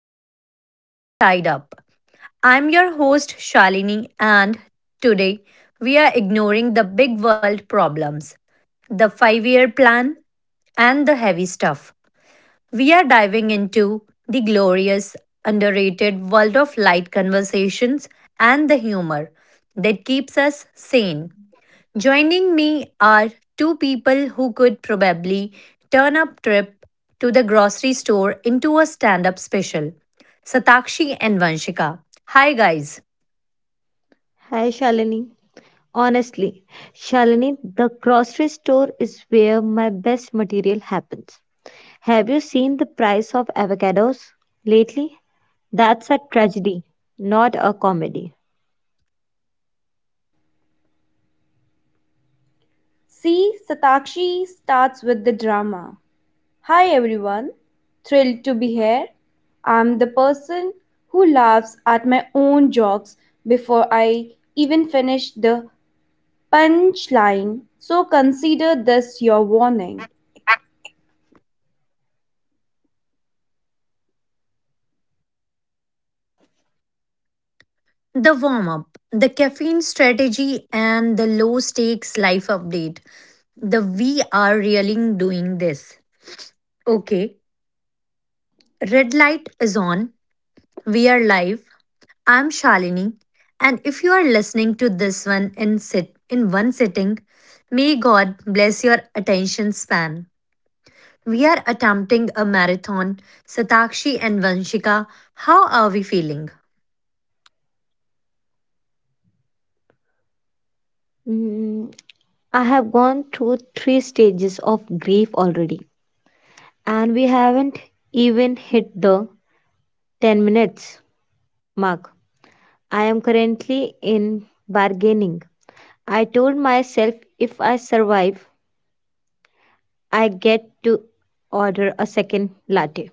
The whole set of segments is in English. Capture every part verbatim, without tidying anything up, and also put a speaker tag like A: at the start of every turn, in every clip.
A: back to the Sunny Side Up. I'm your host Shalini, and today we are ignoring the big world problems, the five year plan, and the heavy stuff. We are diving into the glorious, underrated world of light conversations and the humor that keeps us sane. Joining me are two people who could probably turn up trip to the grocery store into a stand-up special. Satakshi and Vanshika. Hi guys.
B: Hi, Shalini. Honestly, Shalini, the grocery store is where my best material happens. Have you seen the price of avocados lately? That's a tragedy, not a comedy.
C: See, Satakshi starts with the drama. Hi everyone, thrilled to be here. I'm the person who laughs at my own jokes before I even finish the punchline, so consider this your warning.
A: The warm-up, the caffeine strategy and the low stakes life update. The we are really doing this. Okay. Red light is on. We are live. I'm Shalini, and if you are listening to this one in sit in one sitting, may God bless your attention span. We are attempting a marathon. Satakshi and Vanshika, how are we feeling?
B: Mm, I have gone through three stages of grief already, and we haven't even hit the ten minutes mark. I am currently in bargaining. I told myself if I survive, I get to order a second latte.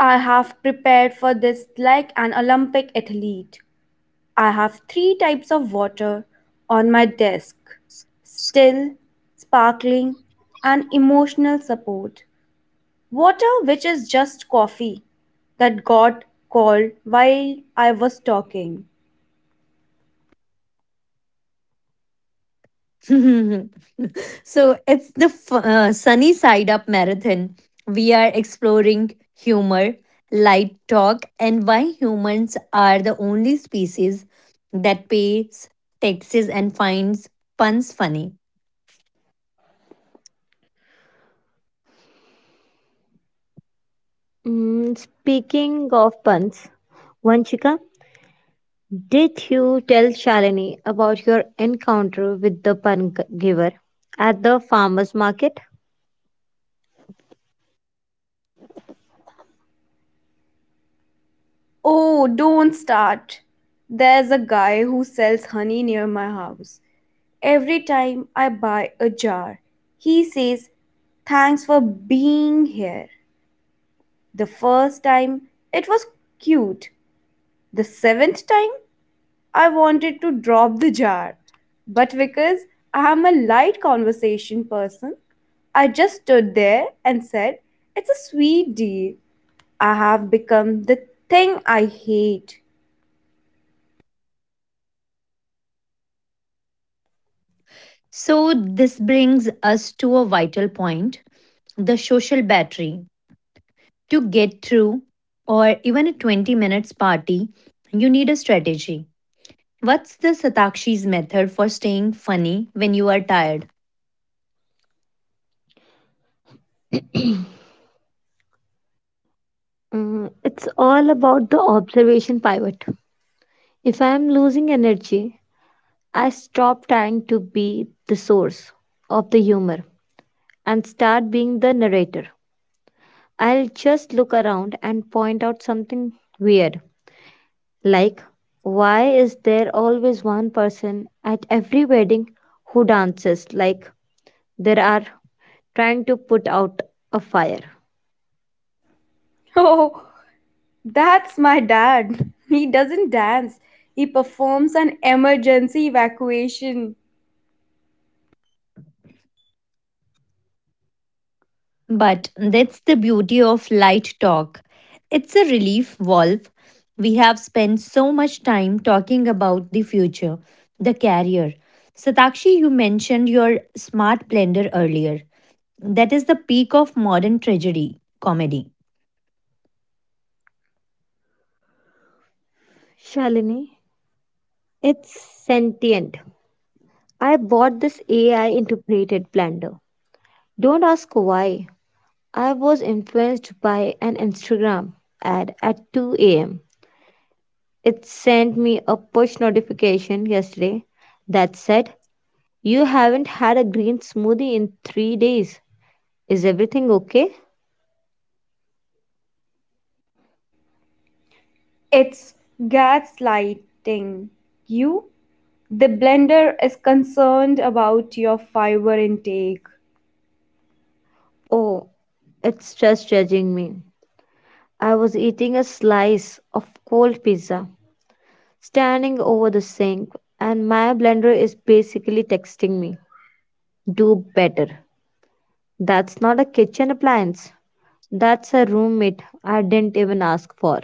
C: I have prepared for this like an Olympic athlete. I have three types of water on my desk still, sparkling, and emotional support. Water which is just coffee that got cold while I was talking.
A: So it's the f- uh, Sunny Side Up Marathon. We are exploring humor, light talk, and why humans are the only species that pays taxes and finds puns funny.
B: Mm, speaking of puns, Vanchika, did you tell Shalini about your encounter with the pun g- giver at the farmer's market?
C: Oh, don't start. There's a guy who sells honey near my house. Every time I buy a jar, he says, "Thanks for being here." The first time it was cute, the seventh time I wanted to drop the jar, but because I am a light conversation person, I just stood there and said, "It's a sweet deal." I have become the thing I hate.
A: So this brings us to a vital point the social battery. To get through, or even a twenty minutes party, you need a strategy. What's the Satakshi's method for staying funny when you are tired?
B: Mm, it's all about the observation pivot. If I am losing energy, I stop trying to be the source of the humor and start being the narrator. I'll just look around and point out something weird. Like, why is there always one person at every wedding who dances like there are trying to put out a fire?
C: Oh, that's my dad. He doesn't dance, he performs an emergency evacuation.
A: But that's the beauty of light talk. It's a relief valve. We have spent so much time talking about the future, the career. Satakshi, you mentioned your smart blender earlier. That is the peak of modern tragedy comedy.
B: Shalini, it's sentient. I bought this A I integrated blender. Don't ask why. I was influenced by an Instagram ad at two a m. It sent me a push notification yesterday that said, "You haven't had a green smoothie in three days. Is everything okay?"
C: It's gaslighting. You? The blender is concerned about your fiber intake.
B: Oh, it's just judging me. I was eating a slice of cold pizza, standing over the sink, and my blender is basically texting me, "Do better." That's not a kitchen appliance. That's a roommate I didn't even ask for.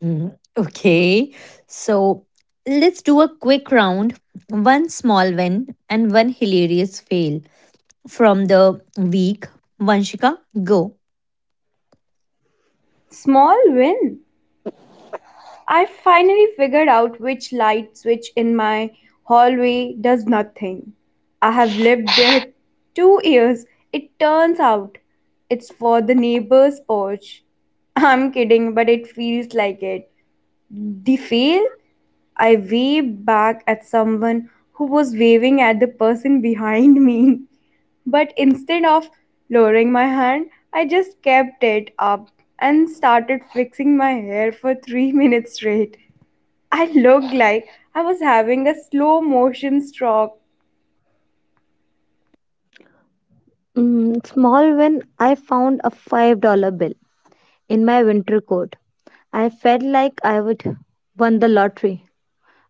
A: Mm, Okay, so let's do a quick round one small win and one hilarious fail from the week. Vanshika, go.
C: Small win. I finally figured out which light switch in my hallway does nothing. I have lived there two years. It turns out it's for the neighbor's porch. I'm kidding, but it feels like it. The fail? I waved back at someone who was waving at the person behind me. But instead of lowering my hand, I just kept it up and started fixing my hair for three minutes straight. I looked like I was having a slow motion stroke.
B: Mm, small when I found a five dollars bill in my winter coat. I felt like I would won the lottery.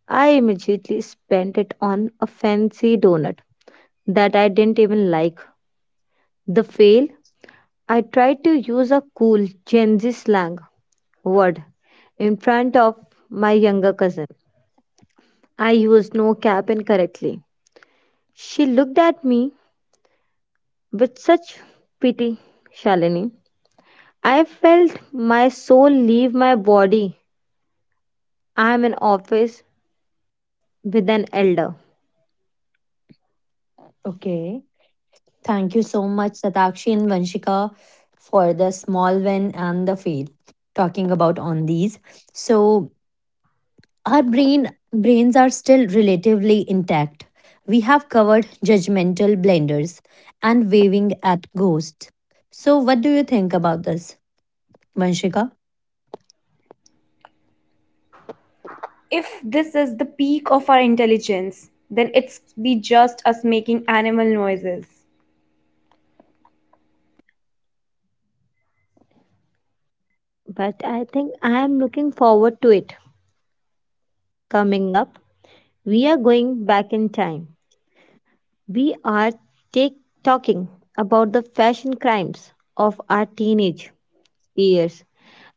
B: I immediately spent it on a fancy donut that I didn't even like. The fail, I tried to use a cool Gen Z slang word in front of my younger cousin. I used no cap incorrectly. She looked at me with such pity, Shalini. I felt my soul leave my body. I am in office with an elder,
A: Okay, thank you so much, Satakshi and Vanshika, for the small win and the fail talking about on these. So, our brain brains are still relatively intact. We have covered judgmental blenders and waving at ghosts. So what do you think about this, Vanshika?
C: If this is the peak of our intelligence, then it's be just us making animal noises.
B: but I think I am looking forward to it. Coming up, we are going back in time. We are take, talking about the fashion crimes of our teenage years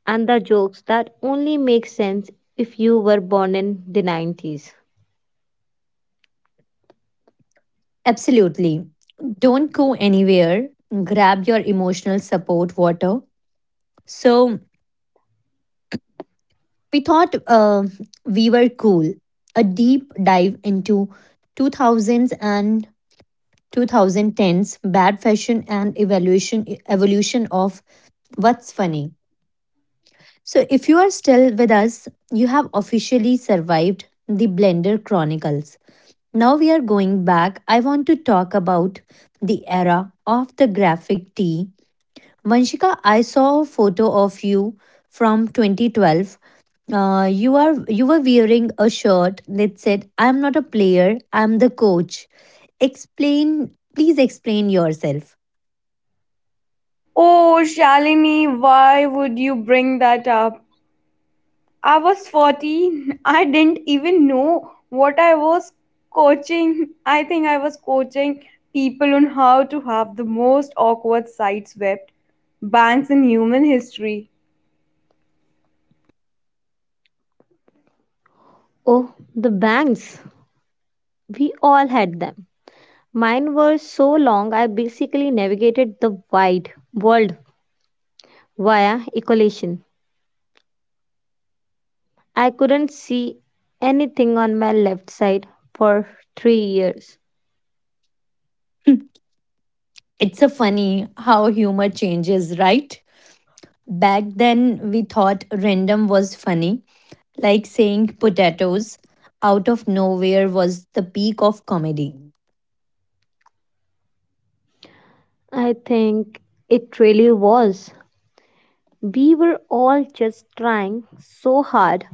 B: and the jokes that only make sense if you were born in the nineties.
A: Absolutely, don't go anywhere, grab your emotional support water. So we thought uh, we were cool, a deep dive into two thousands and twenty tens bad fashion and evaluation evolution of what's funny. So, if you are still with us, you have officially survived the Blender Chronicles. Now we are going back. I want to talk about the era of the graphic tee. Vanshika, I saw a photo of you from twenty twelve. Uh, you are you were wearing a shirt that said, "I'm not a player. I'm the coach." Explain, please explain yourself.
C: Oh, Shalini, why would you bring that up? I was fourteen. I didn't even know what I was coaching. I think I was coaching people on how to have the most awkward sideswept banks in human history.
B: Oh, the bangs. We all had them. Mine were so long I basically navigated the wide world via echolocation. I couldn't see anything on my left side for three years.
A: It's a funny how humor changes, right? Back then, we thought random was funny, like saying potatoes out of nowhere was the peak of comedy.
B: I think it really was. We were all just trying so hard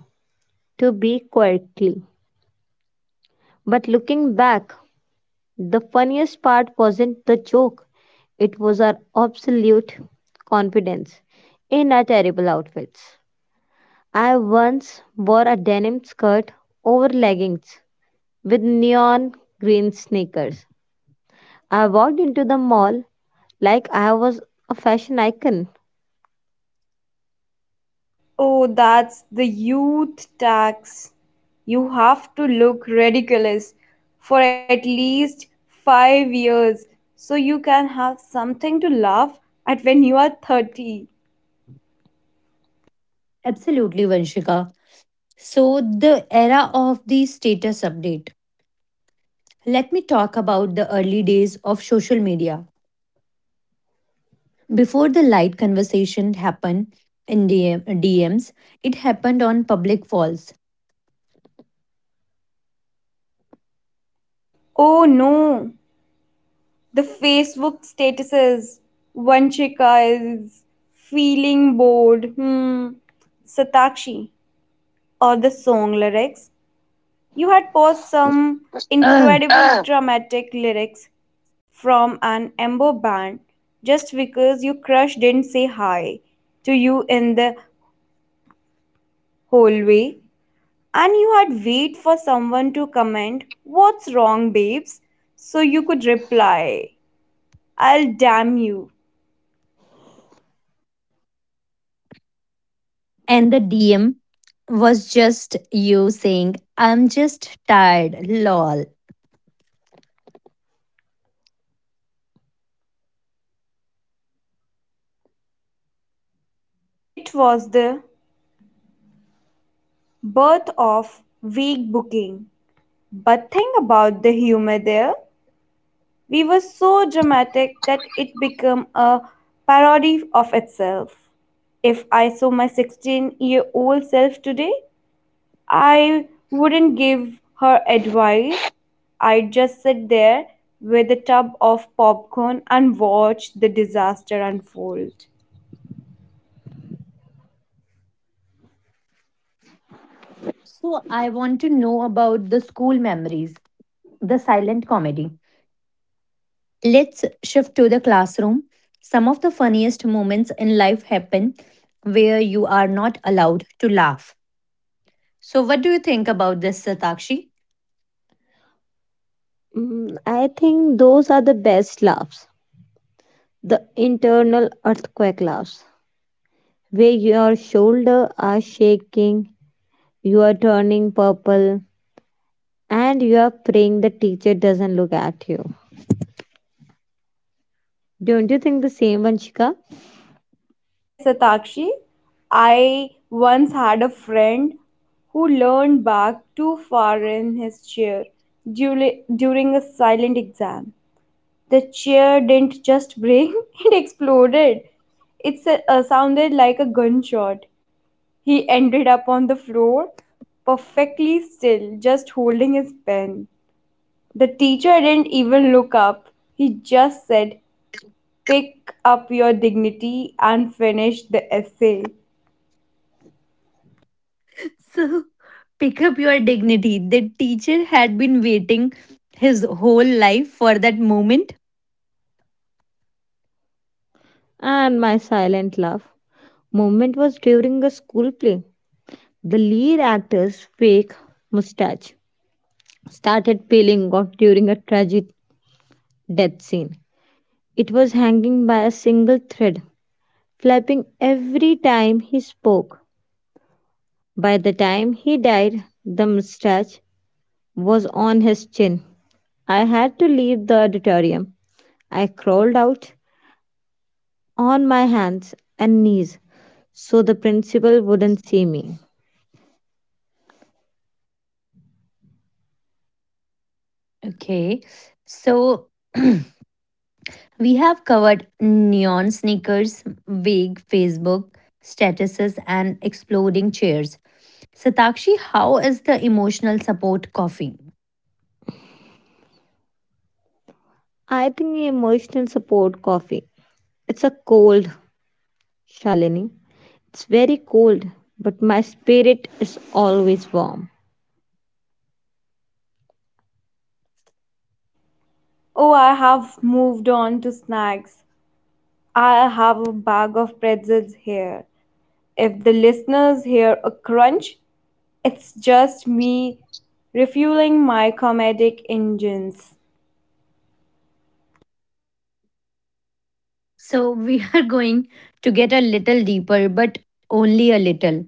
B: to be quirky. But looking back, the funniest part wasn't the joke, it was our absolute confidence in our terrible outfits. I once wore a denim skirt over leggings with neon green sneakers. I walked into the mall like I was a fashion icon.
C: Oh, that's the youth tax. You have to look ridiculous for at least five years so you can have something to laugh at when you are thirty.
A: Absolutely, Vanshika. So, the era of the status update. Let me talk about the early days of social media. Before the light conversation happened in DM, D Ms, it happened on public walls.
C: Oh no, the Facebook statuses. Vanshika is feeling bored. Hmm. Satakshi or the song lyrics. You had posted some
A: Ugh.
C: incredible dramatic lyrics from an emo band just because your crush didn't say hi to you in the hallway and you had wait for someone to comment what's wrong babes so you could reply I'll damn you.
A: And the D M was just you saying, I'm just tired, lol.
C: It was the birth of week booking. But think about the humor there. We were so dramatic that it became a parody of itself. If I saw my sixteen year old self today, I wouldn't give her advice. I'd just sit there with a tub of popcorn and watch the disaster unfold.
A: So, I want to know about the school memories, the silent comedy. Let's shift to the classroom. Some of the funniest moments in life happen where you are not allowed to laugh. So, what do you think about this, Satakshi?
B: Mm, I think those are the best laughs, the internal earthquake laughs, where your shoulders are shaking, you are turning purple, and you are praying the teacher doesn't look at you. Don't you think the same, Vanshika?
C: Yes, Satakshi. I once had a friend who leaned back too far in his chair dul- during a silent exam. The chair didn't just break, it exploded. It sa- uh, sounded like a gunshot. He ended up on the floor, perfectly still, just holding his pen. The teacher didn't even look up. He just said, "Pick up your dignity and finish the essay."
A: So, pick up your dignity. The teacher had been waiting his whole life for that moment.
B: And my silent laugh moment was during a school play. The lead actor's fake mustache started peeling off during a tragic death scene. It was hanging by a single thread flapping every time he spoke. By the time he died, the mustache was on his chin. I had to leave the auditorium. I crawled out on my hands and knees so the principal wouldn't see me.
A: Okay, so we have covered neon sneakers, vague Facebook statuses, and exploding chairs. Satakshi, how is the emotional support coffee?
B: I think emotional support coffee. It's a cold, Shalini. It's very cold, but my spirit is always warm.
C: Oh, I have moved on to snacks. I have a bag of pretzels here. If the listeners hear a crunch, it's just me refueling my comedic engines.
A: So, we are going to get a little deeper, but only a little.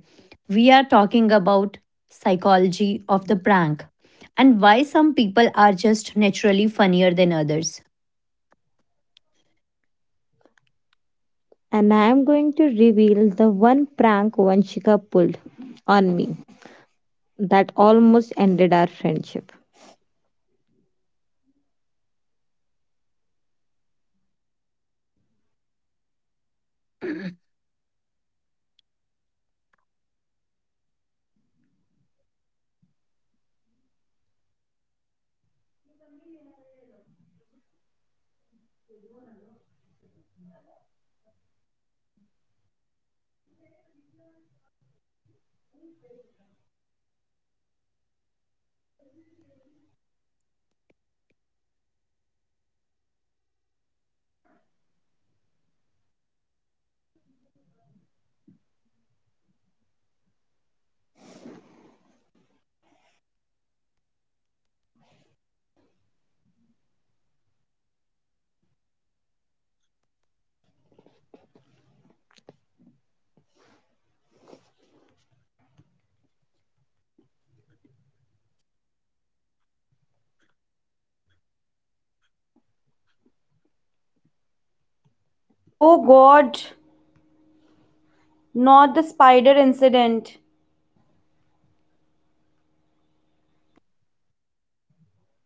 A: We are talking about psychology of the prank and why some people are just naturally funnier than others.
B: And I am going to reveal the one prank Vanshika pulled on me that almost ended our friendship.
C: Oh god, not the spider incident.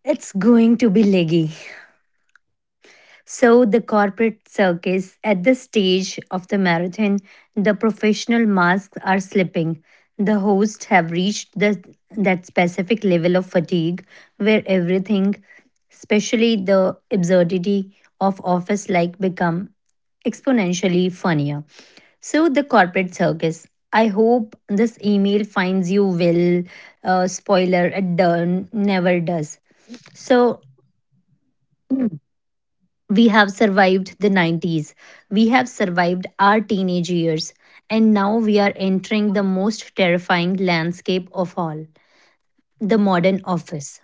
A: It's going to be leggy. So, the corporate circus at the stage of the marathon, the professional masks are slipping. The hosts have reached the, that specific level of fatigue where everything, especially the absurdity of office like, become exponentially funnier. So, the corporate circus. I hope this email finds you well. Uh, spoiler, it done, never does. So, we have survived the nineties. We have survived our teenage years. And now we are entering the most terrifying landscape of all the modern office.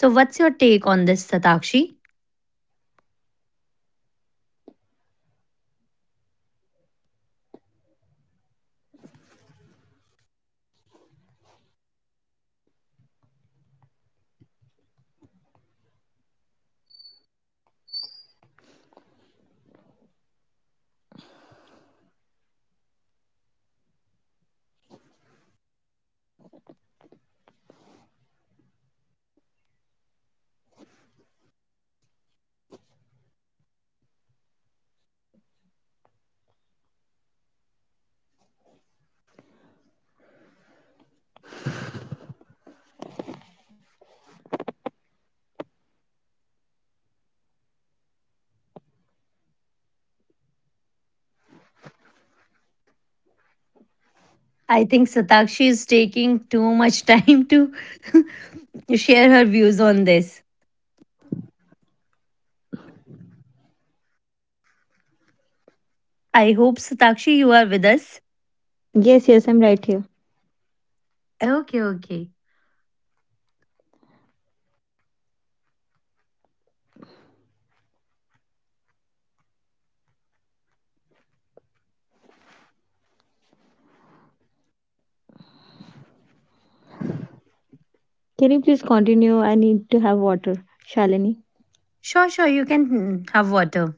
A: So, what's your take on this, Satakshi? I think Satakshi is taking too much time to share her views on this. I hope, Satakshi, you are with us.
B: Yes, yes, I'm right here.
A: Okay, okay.
B: Can you please continue? I need to have water. Shalini,
A: Sure, sure, you can mm, have water.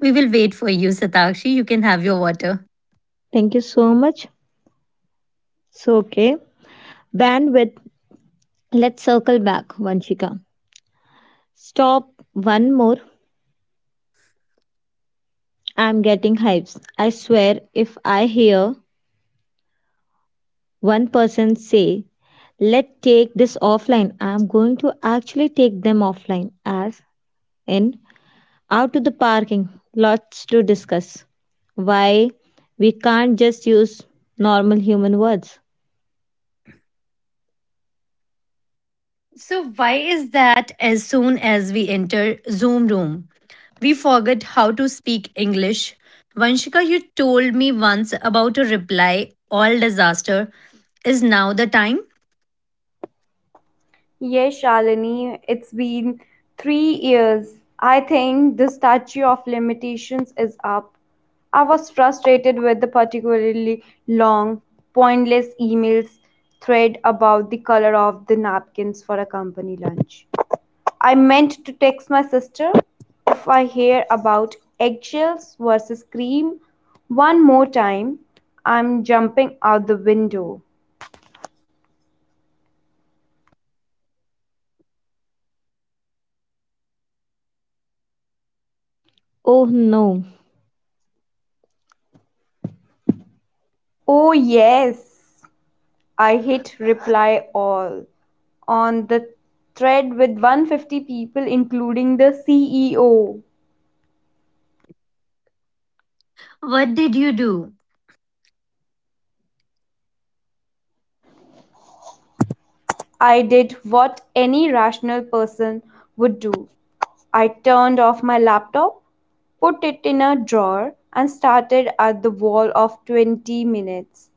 A: We will wait for you, Satakshi. You can have your water.
B: thank you so much. So, okay. Bandwidth. Let's circle back, Vanshika. Stop one more. I'm getting hypes. I swear, if I hear one person say, "Let's take this offline," I'm going to actually take them offline, as in out to the parking, lots to discuss. Why we can't just use normal human words.
A: So, why is that as soon as we enter Zoom room, we forget how to speak English? Vanshika, you told me once about a reply all disaster. Is now the time?
C: Yes, Shalini, it's been three years. I think the statue of limitations is up. I was frustrated with the particularly long, pointless emails thread about the color of the napkins for a company lunch. I meant to text my sister, "If I hear about eggshells versus cream one more time. I'm jumping out the window."
B: Oh no,
C: Oh, yes. I hit reply all on the thread with one hundred fifty people, including the C E O.
A: What did you do?
C: I did what any rational person would do. I turned off my laptop, put it in a drawer, and started at the wall of twenty minutes.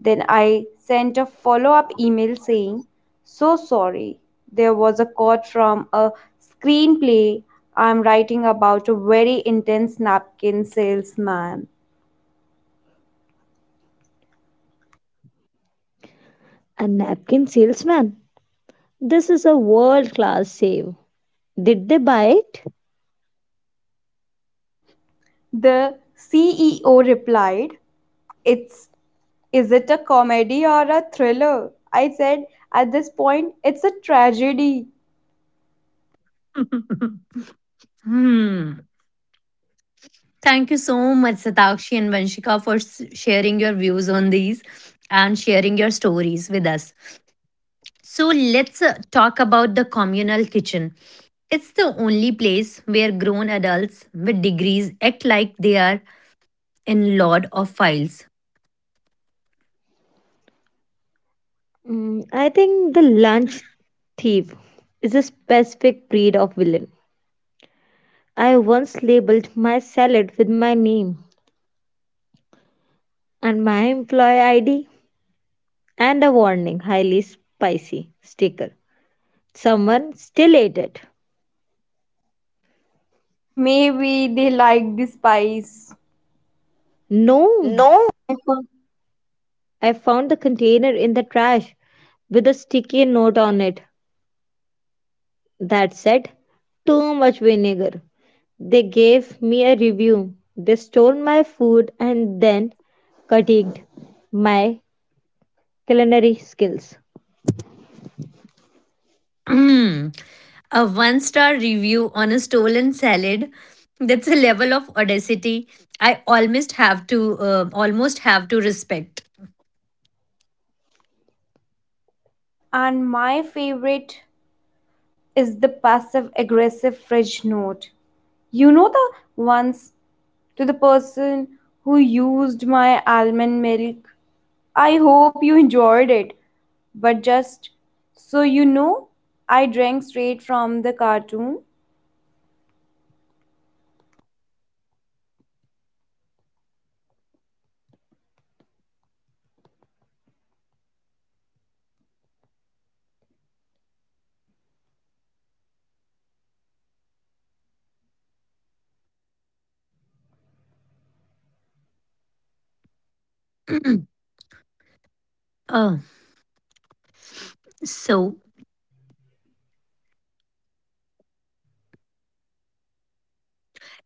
C: Then I sent a follow up email saying, "So sorry, there was a quote from a screenplay I'm writing about a very intense napkin salesman."
B: a napkin salesman. This is a world class save. Did they buy it?
C: The C E O replied, "It's is it a comedy or a thriller?" I said, "At this point, it's a tragedy."
A: Hmm. Thank you so much, Satakshi and Vanshika, for s- sharing your views on these and sharing your stories with us. So, let's uh, talk about the communal kitchen. It's the only place where grown adults with degrees act like they are in Lord of Files.
B: Mm, I think the lunch thief is a specific breed of villain. I once labeled my salad with my name and my employee I D and a warning highly spicy sticker. Someone still ate it.
C: Maybe they like the spice.
B: No,
C: No.
B: I found, I found the container in the trash with a sticky note on it that said, "Too much vinegar." They gave me a review. They stole my food and then critiqued my culinary skills.
A: A one star review on a stolen salad. That's a level of audacity I almost have to uh, almost have to respect.
C: And my favorite is the passive aggressive fridge note. You know the ones, to the person who used my almond milk. I hope you enjoyed it. But just so you know, I drank straight from the cartoon.
A: Oh, so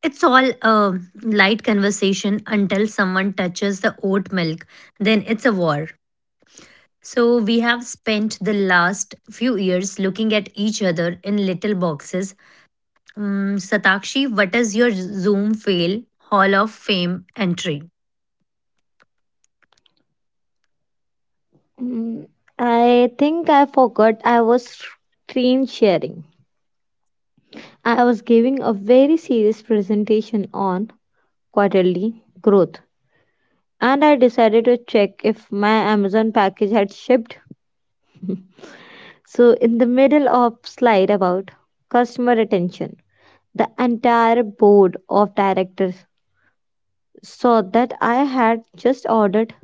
A: it's all a light conversation until someone touches the oat milk, then it's a war. So we have spent the last few years looking at each other in little boxes. Mm, Satakshi, what is your Zoom fail Hall of Fame entry?
B: Mm, I think I forgot I was screen sharing. I was giving a very serious presentation on quarterly growth and I decided to check if my Amazon package had shipped. So, in the middle of slide about customer retention, the entire board of directors saw that I had just ordered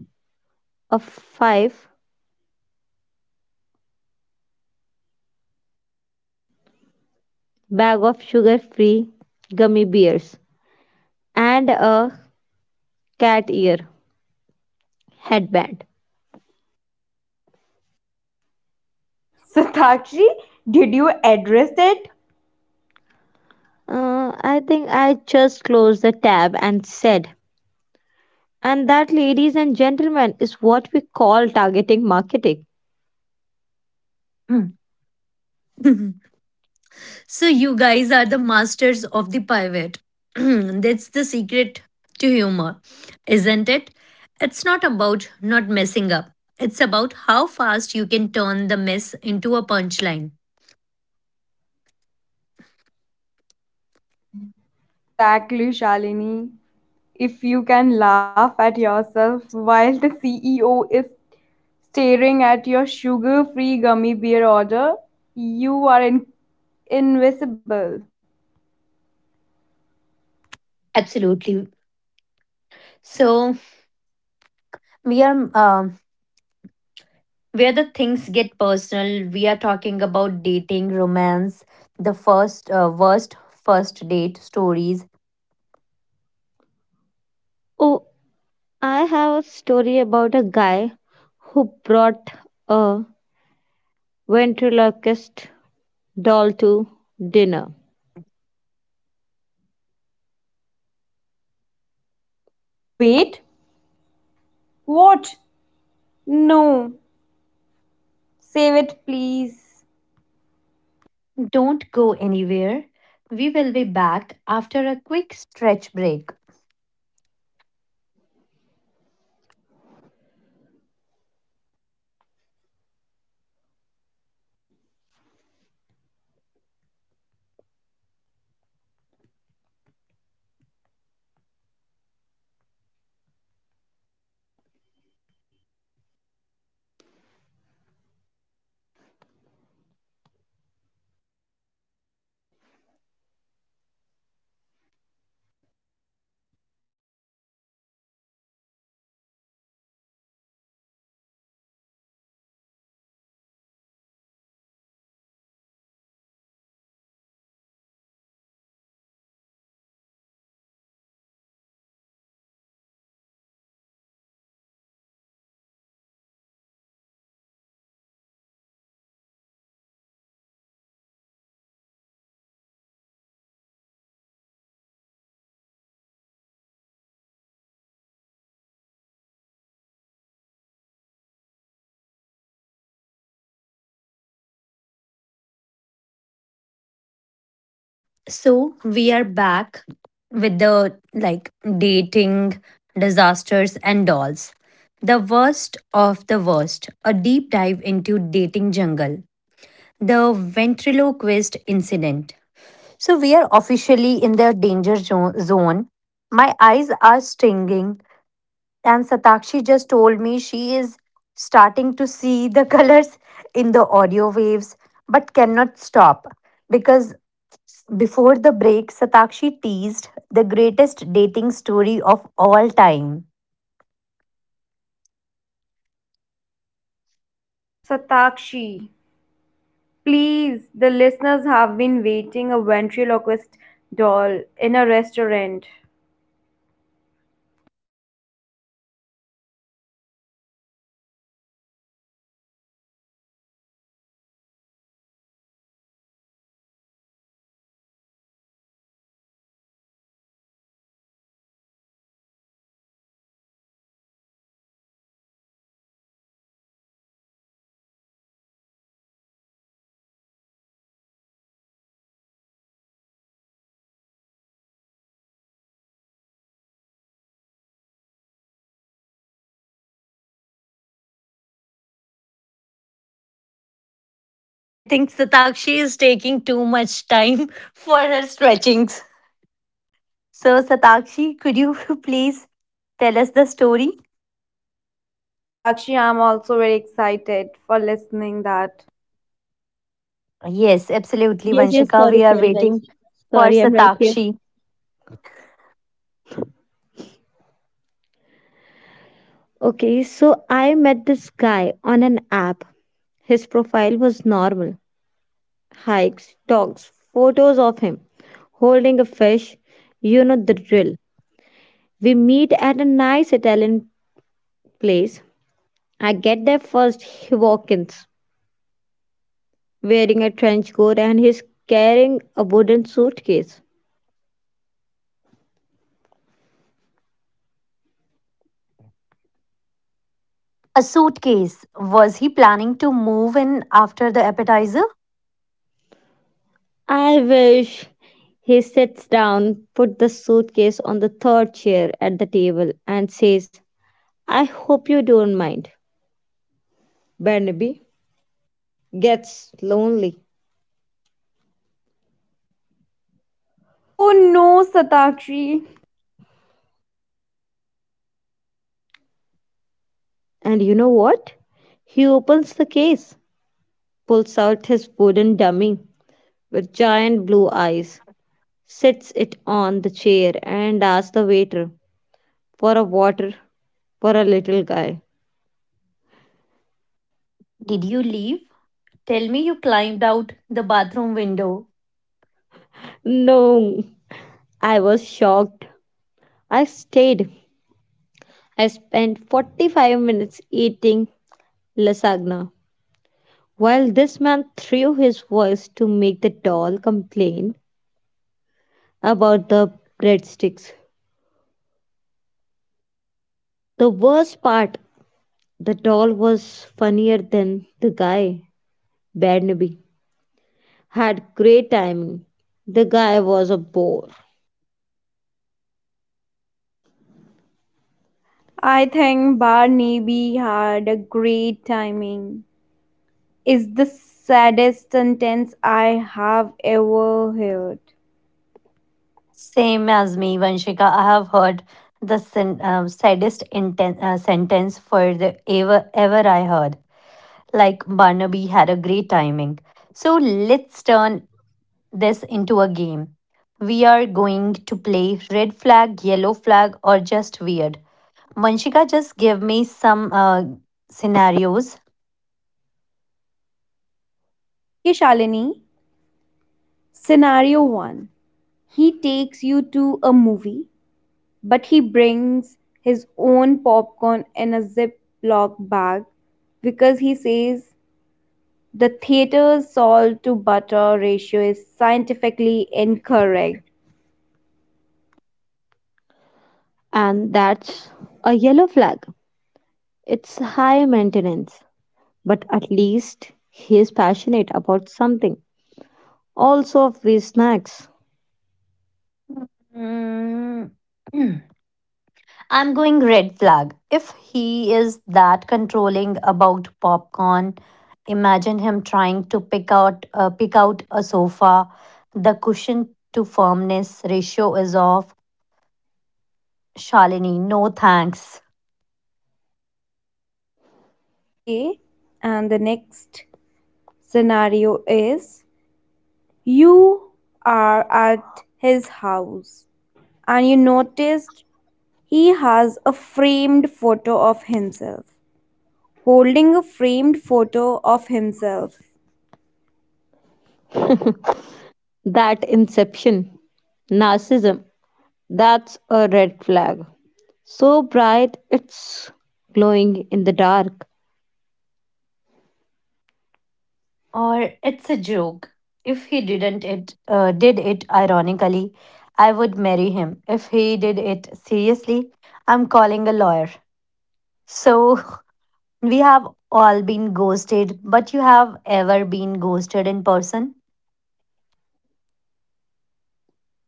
B: a five bag of sugar-free gummy bears and a cat ear headband.
C: So, Satakshi, did you address it?
B: Uh, I think I just closed the tab and said, "And that, ladies and gentlemen, is what we call targeting marketing."
A: Hmm. So you guys are the masters of the pivot. That's the secret to humor, isn't it? It's not about not messing up. It's about how fast you can turn the mess into a punchline.
C: Exactly, Shalini. If you can laugh at yourself while the C E O is staring at your sugar free gummy beer order, you are in- invisible.
A: Absolutely. So we are um, where the things get personal. We are talking about dating, romance, the first uh, worst first date stories.
B: Oh, I have a story about a guy who brought a ventriloquist doll to dinner.
C: Wait, what? No, save it, please.
A: Don't go anywhere. We will be back after a quick stretch break. So, we are back with the like dating disasters and dolls. The worst of the worst, a deep dive into dating jungle. The ventriloquist incident. So, we are officially in the danger zo- zone. My eyes are stinging. And Satakshi just told me she is starting to see the colors in the audio waves but cannot stop because before the break, Satakshi teased the greatest dating story of all time.
C: Satakshi, please, the listeners have been waiting a ventriloquist doll in a restaurant.
A: I think Satakshi is taking too much time for her stretchings. So, Satakshi, could you please tell us the story?
C: Yes, Satakshi, I'm also very excited for listening that.
A: Yes, absolutely,
B: Yes, yes,
A: Vanshika.
B: sorry,
A: We are
B: sorry, guys.
A: waiting for
B: Sorry, I'm right here.
A: Satakshi.
B: Okay, so I met this guy on an app. His profile was normal hikes, dogs, photos of him holding a fish. You know the drill. We meet at a nice Italian place. I get there first, he walk ins, wearing a trench coat and he's carrying a wooden suitcase.
A: A suitcase. Was he planning to move in after the appetizer?
B: I wish. He sits down, puts the suitcase on the third chair at the table and says, "I hope you don't mind. Barnaby gets lonely."
C: Oh no, Satakshi.
B: And you know what? He opens the case, pulls out his wooden dummy with giant blue eyes, sits it on the chair, and asks the waiter for a water for a little guy.
A: Did you leave? Tell me you climbed out the bathroom window.
B: No, I was shocked. I stayed. I spent forty-five minutes eating lasagna while this man threw his voice to make the doll complain about the breadsticks. The worst part, the doll was funnier than the guy. Barnaby had great timing. The guy was a bore.
C: I think Barnaby had a great timing. It's the saddest sentence I have ever heard.
A: Same as me, Vanshika. I have heard the sen- uh, saddest inten- uh, sentence for the ever ever I heard. Like Barnaby had a great timing. So let's turn this into a game. We are going to play red flag, yellow flag, or just weird. Vanshika, just give me some uh, scenarios.
C: Okay, Shalini. Scenario one. He takes you to a movie, but he brings his own popcorn in a Ziploc bag because he says the theater's salt to butter ratio is scientifically incorrect.
B: And that's a yellow flag. It's high maintenance, but at least he is passionate about something. Also, free snacks.
A: Mm. I'm going red flag. If he is that controlling about popcorn, imagine him trying to pick out uh, pick out a sofa. The cushion to firmness ratio is off. Shalini, no thanks.
C: Okay, and the next scenario is you are at his house and you noticed he has a framed photo of himself. Holding a framed photo of himself.
B: That inception, narcissism, that's a red flag. So bright it's glowing in the dark.
A: Or it's a joke. If he didn't it uh, did it ironically, I would marry him. If he did it seriously, I'm calling a lawyer. So we have all been ghosted, but you have ever been ghosted in person?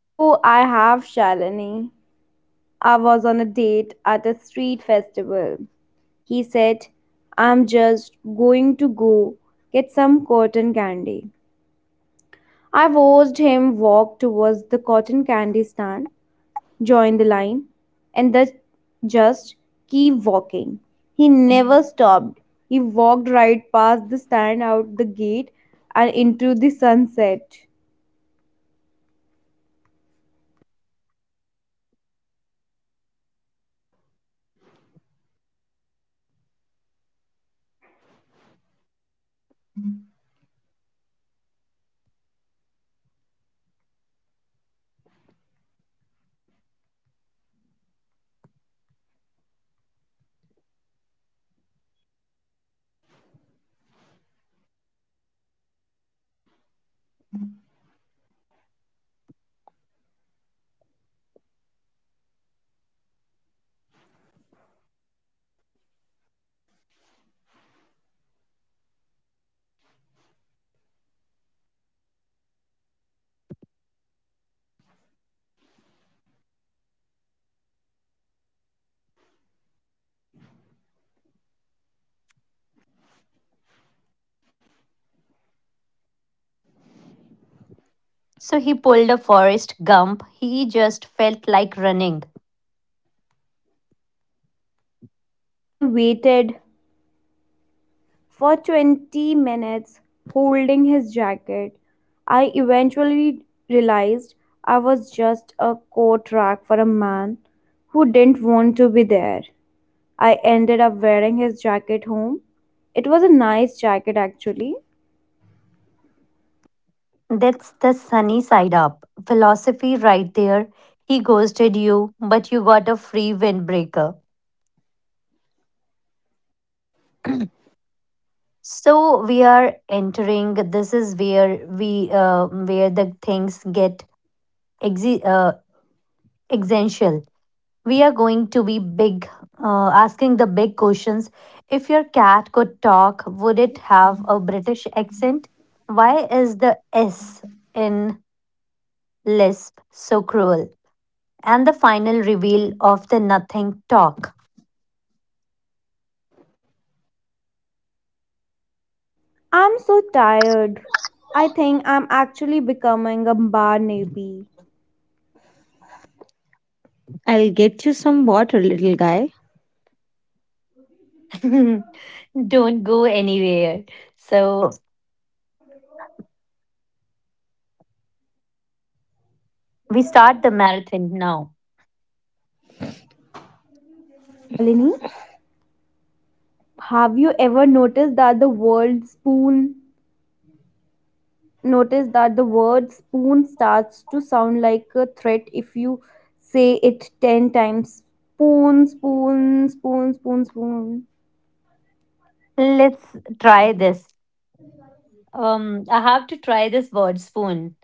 C: Oh, I have, Shalini. I was on a date at a street festival. He said, "I'm just going to go get some cotton candy." I watched him walk towards the cotton candy stand, join the line, and then just keep walking. He never stopped. He walked right past the stand, out the gate, and into the sunset.
A: So he pulled a Forrest Gump. He just felt like running.
C: I waited for twenty minutes holding his jacket. I eventually realized I was just a coat rack for a man who didn't want to be there. I ended up wearing his jacket home. It was a nice jacket, actually.
A: That's the sunny side up philosophy right there. He ghosted you, but you got a free windbreaker. So we are entering. This is where we uh, where the things get exi, uh, essential. We are going to be big, uh, asking the big questions. If your cat could talk, would it have a British accent? Why is the S in Lisp so cruel? And the final reveal of the nothing talk.
C: I'm so tired. I think I'm actually becoming a bar nappy.
B: I'll get you some water, little guy.
A: Don't go anywhere. So we start the marathon now.
C: Shalini, have you ever noticed that the word spoon? Notice that the word spoon starts to sound like a threat if you say it ten times. Spoon, spoon, spoon, spoon, spoon.
A: Let's try this. Um, I have to try this word spoon.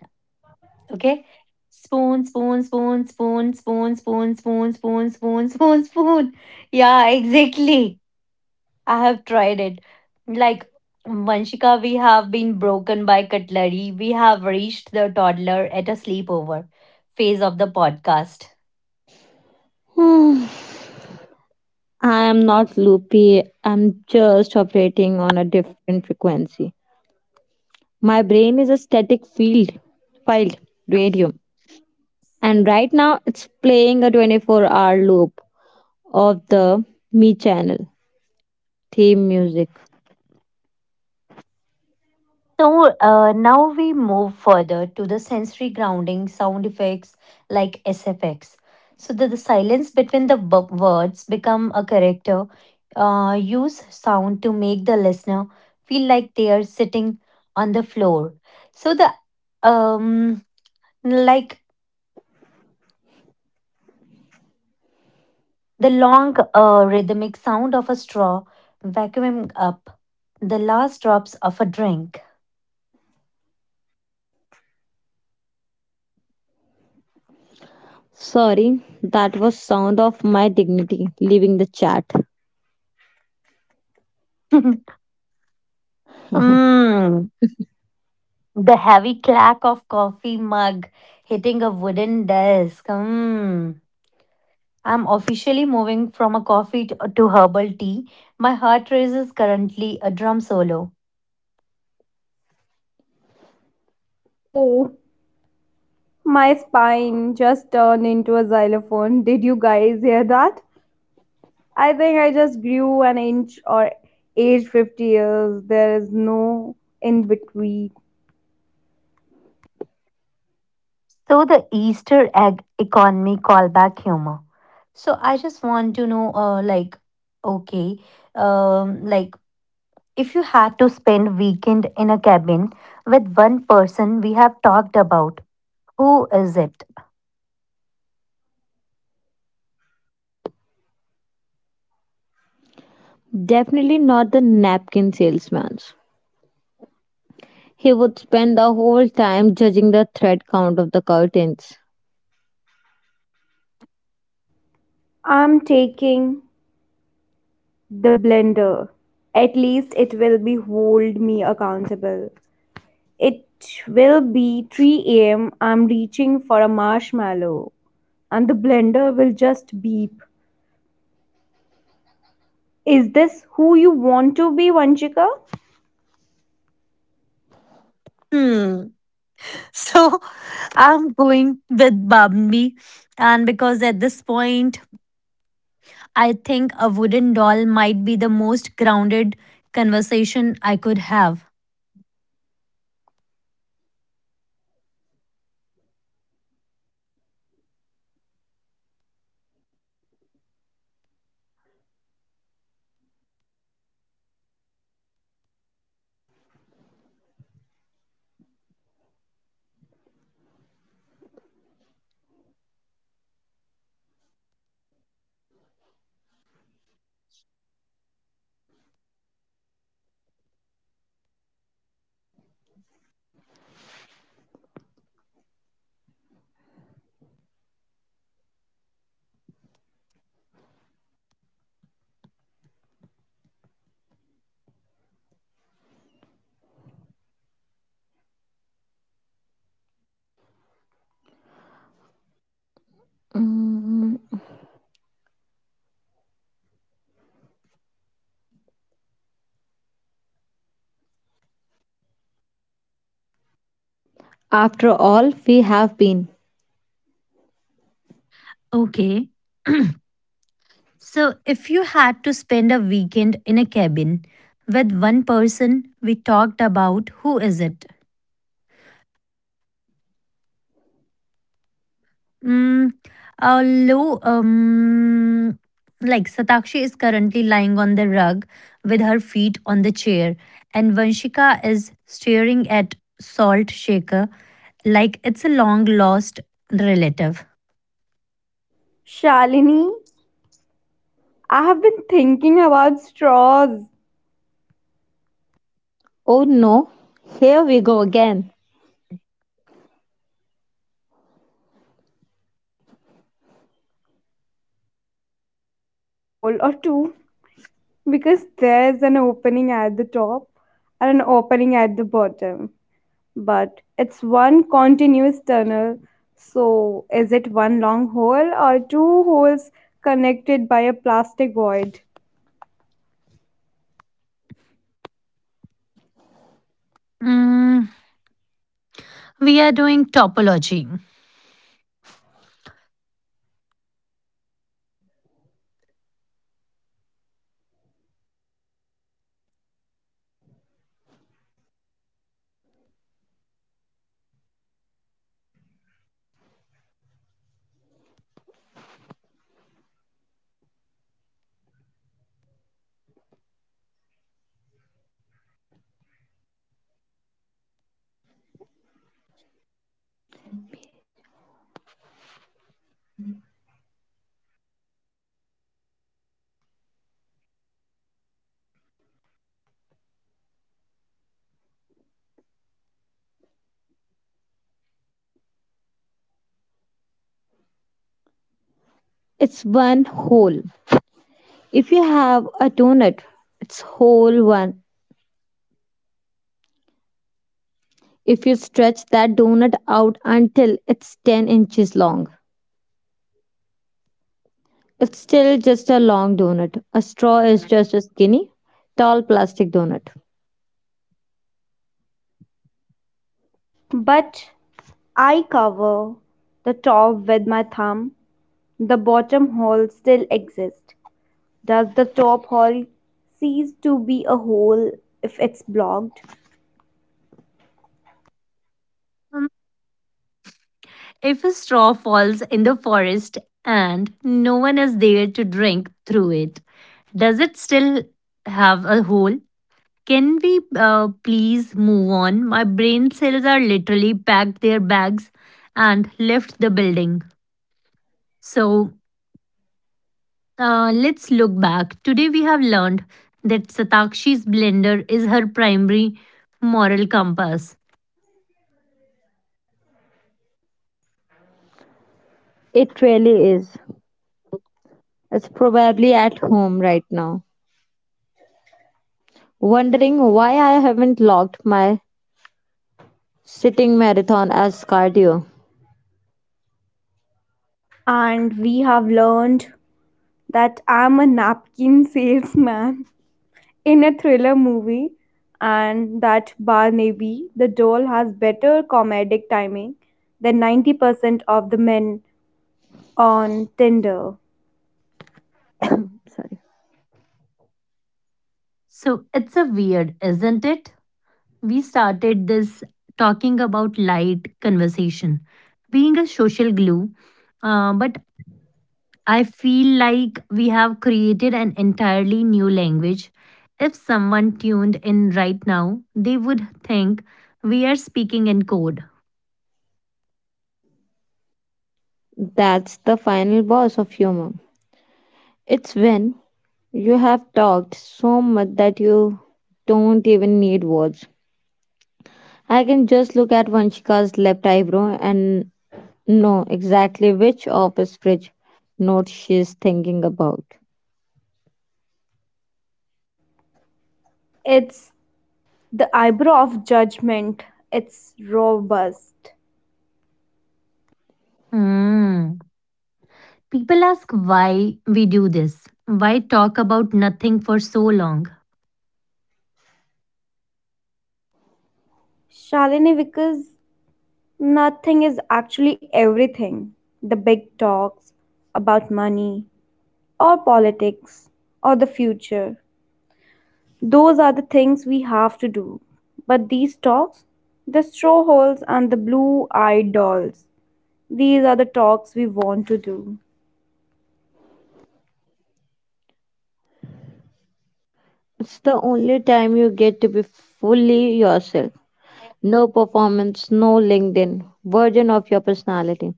A: Okay. Spoon, spoon, spoon, spoon, spoon, spoon, spoon, spoon, spoon, spoon, spoon. Yeah, exactly. I have tried it. Like Vanshika, we have been broken by cutlery. We have reached the toddler at a sleepover phase of the podcast.
B: Hmm, I am not loopy. I'm just operating on a different frequency. My brain is a static field, field, radium. And right now it's playing a twenty-four hour loop of the Me channel theme music.
A: So uh, now we move further to the sensory grounding sound effects like S F X. So that the silence between the bu- words become a character. Uh, use sound to make the listener feel like they are sitting on the floor. So the um like the long uh, rhythmic sound of a straw vacuuming up the last drops of a drink.
B: Sorry, that was sound of my dignity leaving the chat.
A: mm, the heavy clack of coffee mug hitting a wooden desk. Mm. I'm officially moving from a coffee to, to herbal tea. My heart rate is currently a drum solo.
C: Oh, my spine just turned into a xylophone. Did you guys hear that? I think I just grew an inch or aged fifty years. There is no in between.
A: So the Easter egg economy callback humor. So I just want to know, uh, like, okay, um, like if you had to spend weekend in a cabin with one person we have talked about, who is it?
B: Definitely not the napkin salesman's. He would spend the whole time judging the thread count of the curtains.
C: I'm taking the blender. At least it will be hold me accountable. It will be three a m. I'm reaching for a marshmallow and the blender will just beep. Is this who you want to be, Vanchika?
A: Hmm. So I'm going with Bambi. And because at this point, I think a wooden doll might be the most grounded conversation I could have.
B: Mm, After all, we have been.
A: Okay. So if you had to spend a weekend in a cabin with one person we talked about, who is it? Mm, although, um, like Satakshi is currently lying on the rug with her feet on the chair, and Vanshika is staring at Salt Shaker like it's a long lost relative.
C: Shalini, I have been thinking about straws.
B: Oh no, here we go again.
C: No, listen, does a straw have one hole or two? Because there is an opening at the top and an opening at the bottom. But it's one continuous tunnel. So is it one long hole or two holes connected by a plastic void?
A: Mm, we are doing topology.
B: It's one whole. If you have a donut, it's whole one. If you stretch that donut out until it's ten inches long, it's still just a long donut. A straw is just a skinny, tall plastic donut.
C: But I cover the top with my thumb. The bottom hole still exists. Does the top hole cease to be a hole if it's blocked?
A: Um, If a straw falls in the forest and no one is there to drink through it, does it still have a hole? Can we uh, please move on? My brain cells are literally packed their bags and left the building. So uh, let's look back. Today we have learned that Satakshi's blender is her primary moral compass.
B: It really is. It's probably at home right now, wondering why I haven't logged my sitting marathon as cardio.
C: And we have learned that I'm a napkin salesman in a thriller movie and that Barnaby the doll has better comedic timing than ninety percent of the men on Tinder.
B: Sorry.
A: So it's a weird, isn't it? We started this talking about light conversation being a social glue, uh, but I feel like we have created an entirely new language. If someone tuned in right now, they would think we are speaking in code.
B: That's the final boss of humor. It's when you have talked so much that you don't even need words. I can just look at Vanshika's left eyebrow and know exactly which office fridge note she's thinking about.
C: It's the eyebrow of judgment. It's robust.
A: Hmm. People ask why we do this, why talk about nothing for so long.
C: Shalini, because nothing is actually everything. The big talks about money or politics or the future, those are the things we have to do. But these talks, the straw holes and the blue eyed dolls, these are the talks we want to do.
B: It's the only time you get to be fully yourself. No performance, no LinkedIn version of your personality.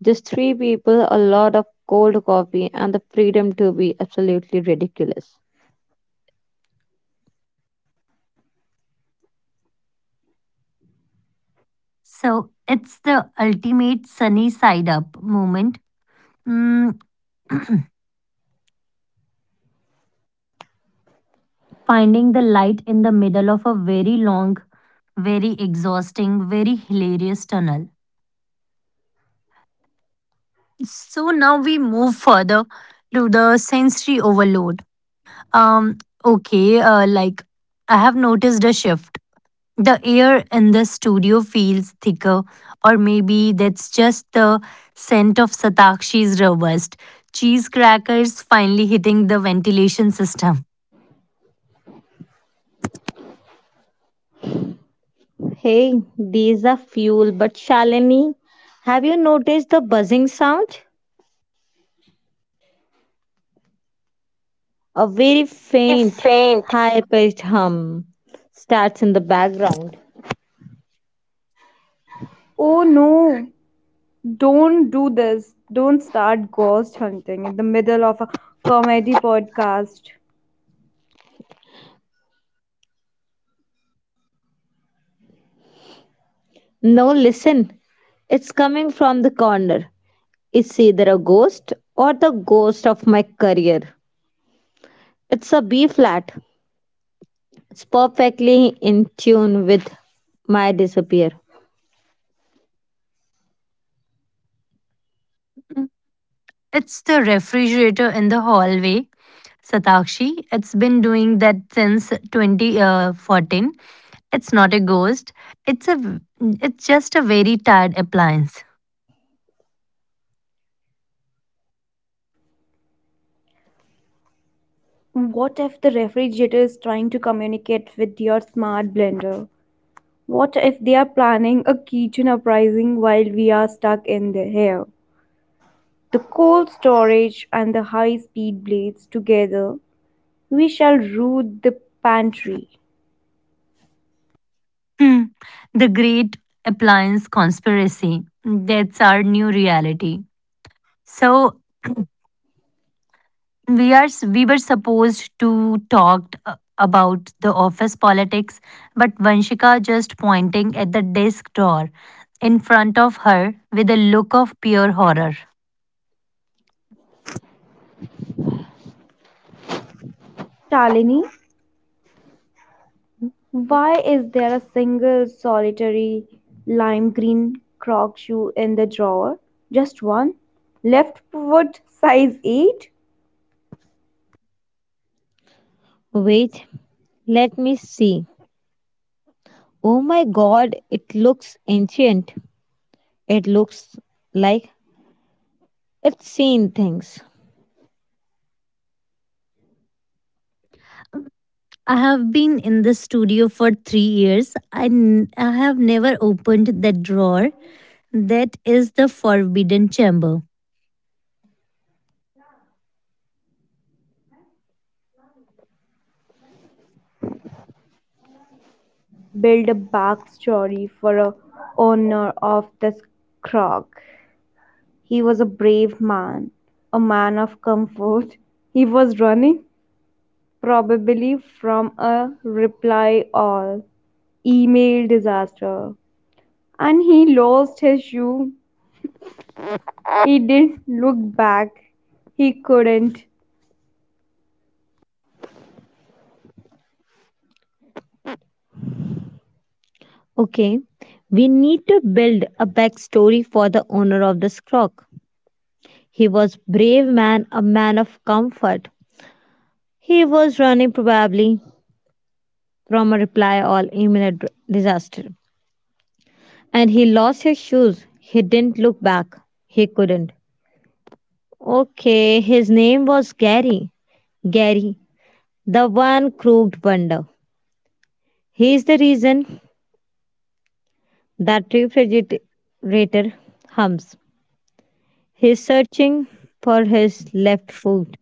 B: Just three people, a lot of cold coffee, and the freedom to be absolutely ridiculous.
A: So it's the ultimate sunny side up moment. Mm, finding the light in the middle of a very long, very exhausting, very hilarious tunnel. So now we move further to the sensory overload. Um, okay, uh, like I have noticed a shift. The air in the studio feels thicker, or maybe that's just the scent of Satakshi's robust cheese crackers finally hitting the ventilation system.
B: Hey, these are fuel, but Shalini, have you noticed the buzzing sound? A very faint, high pitched hum starts in the background.
C: Oh no, don't do this. Don't start ghost hunting in the middle of a comedy podcast.
B: No, listen, it's coming from the corner. It's either a ghost or the ghost of my career. It's a B flat. It's perfectly in tune with my disappear.
A: It's the refrigerator in the hallway, Satakshi. It's been doing that since twenty fourteen. It's not a ghost. It's a. it's just a very tired appliance.
C: What if the refrigerator is trying to communicate with your smart blender? What if they are planning a kitchen uprising while we are stuck in the here? The cold storage and the high speed blades together, we shall root the pantry.
A: Hmm. The great appliance conspiracy. That's our new reality. So we are s- we were supposed to talk uh, about the office politics, but Vanshika just pointing at the desk drawer in front of her with a look of pure horror.
C: Shalini, why is there a single solitary lime green croc shoe in the drawer? Just one? Left foot size eight?
B: Wait, let me see. Oh my god, it looks ancient. It looks like it's seen things.
A: I have been in the studio for three years. I, n- I have never opened that drawer. That is the forbidden chamber.
C: I think we need to build a backstory for a owner of this croc. He was a brave man, a man of comfort. He was running, probably from a reply all email disaster. And he lost his shoe. He didn't look back. He couldn't.
B: Okay, we need to build a backstory for the owner of the crock. He was brave man, a man of comfort. He was running probably from a reply all email ad- disaster. And he lost his shoes. He didn't look back. He couldn't. Okay, his name was Gary. Gary, the one crooked wonder. He's the reason that refrigerator hums. He's searching for his left foot.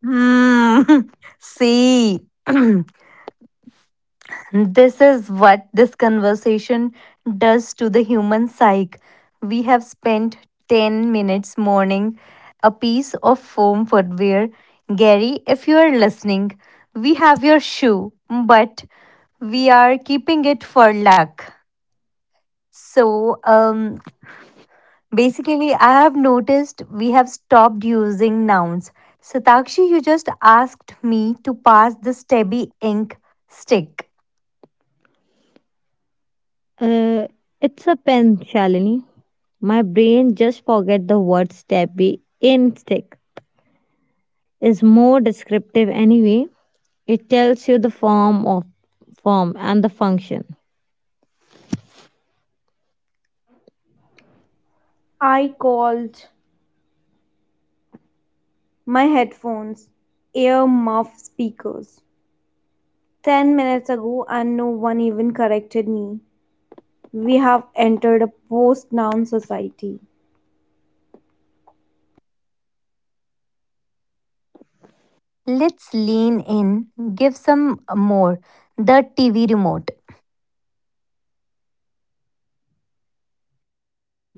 A: Hmm. See, this is what this conversation does to the human psyche. We have spent ten minutes mourning a piece of foam footwear. Gary, if you are listening, we have your shoe, but we are keeping it for luck. So, um, Basically, I have noticed we have stopped using nouns. Satakshi, you just asked me to pass the stubby ink stick.
B: Uh, it's a pen, Shalini. My brain just forget the word stabby in is more descriptive anyway. It tells you the form of form and the function.
C: I called my headphones ear muff speakers ten minutes ago and no one even corrected me. We have entered a post noun society.
A: Let's lean in, give some more. The T V remote,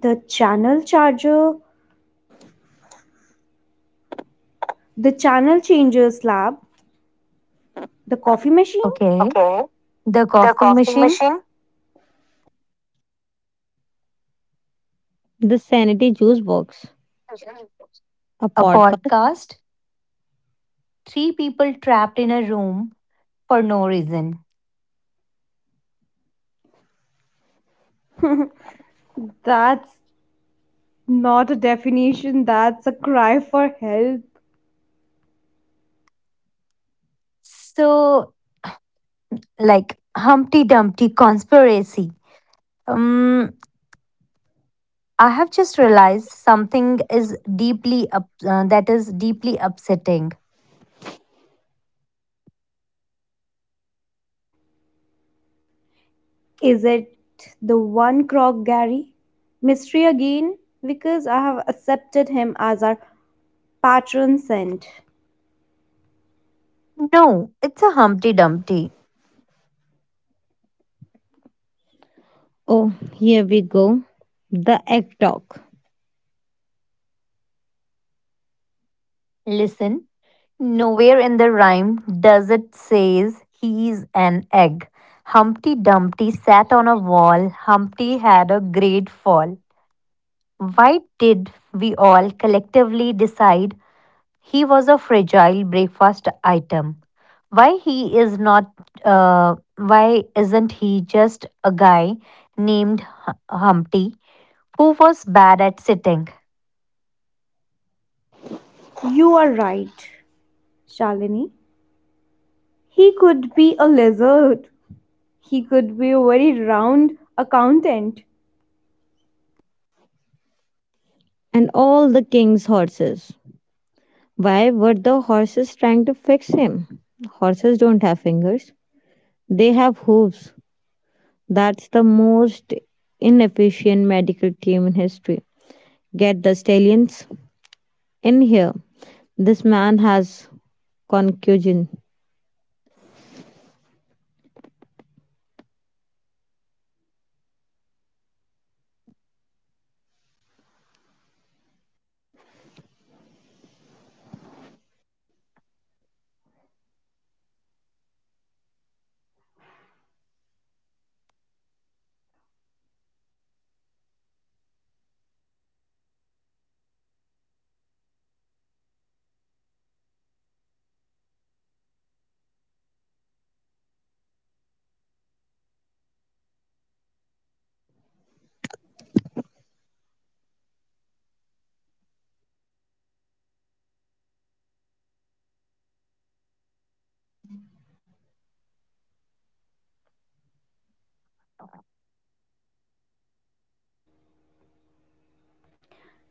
C: The channel charger, the channel changer slab, the coffee machine.
A: okay?
C: Okay.
A: The
C: The
A: coffee
C: coffee
A: machine,
C: machine.
B: The sanity juice box, a
A: a
B: podcast.
A: podcast, three people trapped in a room for no reason.
C: That's not a definition, that's a cry for help.
A: So, like Humpty Dumpty conspiracy. Um, I have just realized something is deeply up, uh, that is deeply upsetting.
C: Is it the one croc Gary? Mystery again, because I have accepted him as our patron saint.
A: No, it's a Humpty Dumpty.
B: Oh, here we go. The egg talk
A: Listen, nowhere in the rhyme does it says he's an egg. Humpty Dumpty sat on a wall. Humpty had a great fall. Why did we all collectively decide he was a fragile breakfast item? why he is not uh, why isn't he just a guy named Hu- humpty who was bad at sitting
C: You are right, Shalini. He could be a lizard, he could be a very round accountant.
B: and all the king's horses. Why were the horses trying to fix him? Horses don't have fingers, they have hooves. That's the most inefficient medical team in history. Get the stallions in here. This man has concussion.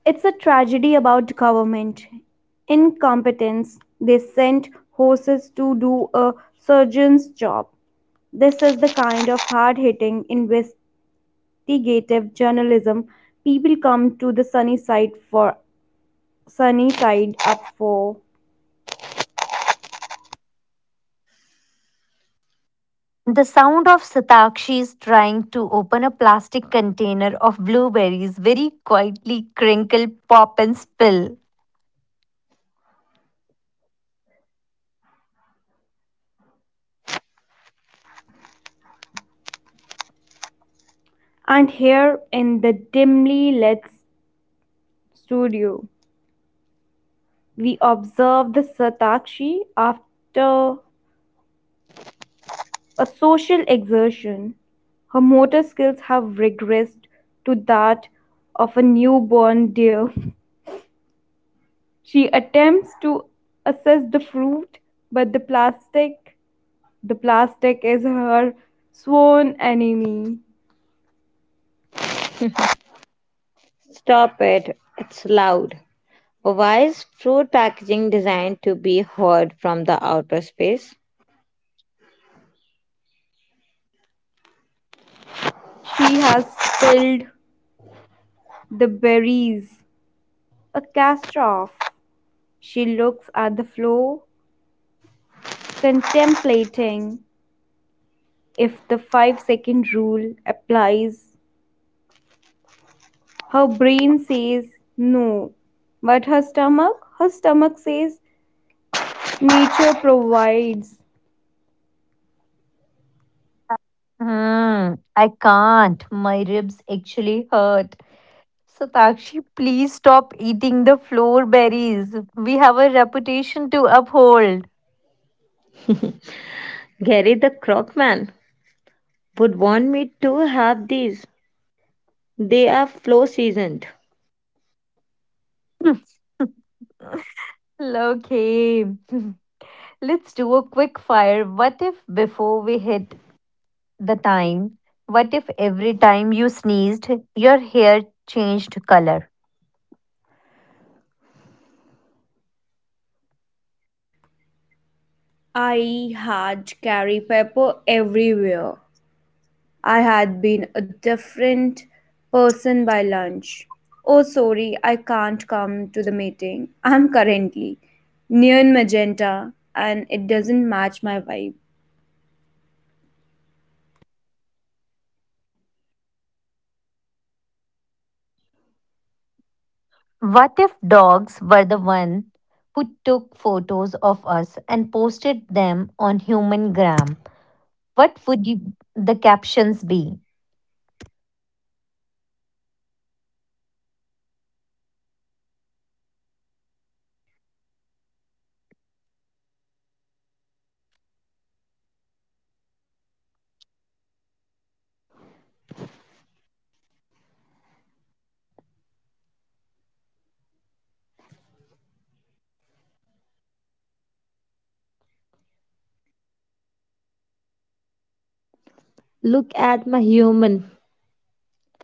C: It's a tragedy about government incompetence. They sent horses to do a surgeon's job. This is the kind of hard hitting investigative journalism people come to the sunny side for, sunny side up for.
A: the sound of satakshi's trying to open a plastic container of blueberries very quietly crinkle pop and spill
C: And here in the dimly lit studio, we observe the Satakshi after a social exertion. Her motor skills have regressed to that of a newborn deer. She attempts to assess the fruit, but the plastic, the plastic is her sworn enemy.
B: Stop it. It's loud. Why is fruit packaging designed to be heard from the outer space?
C: She has spilled the berries. A cast off. She looks at the floor, contemplating if the five second rule applies. Her brain says no, but her stomach, her stomach says nature provides.
A: hmm I can't my ribs actually hurt satakshi please stop eating the floor berries we have a reputation to uphold.
B: Gary the Croc Man would want me to have these. They are flow seasoned.
A: Okay. Let's do a quick fire. What if before we hit the time, what if every time you sneezed, your hair changed color?
C: I had curry pepper everywhere. I had been a different person by lunch. Oh, sorry, I can't come to the meeting. I'm currently neon magenta and it doesn't match my vibe.
A: What if dogs were the one who took photos of us and posted them on human gram? What would you, the captions be?
B: Look at my human.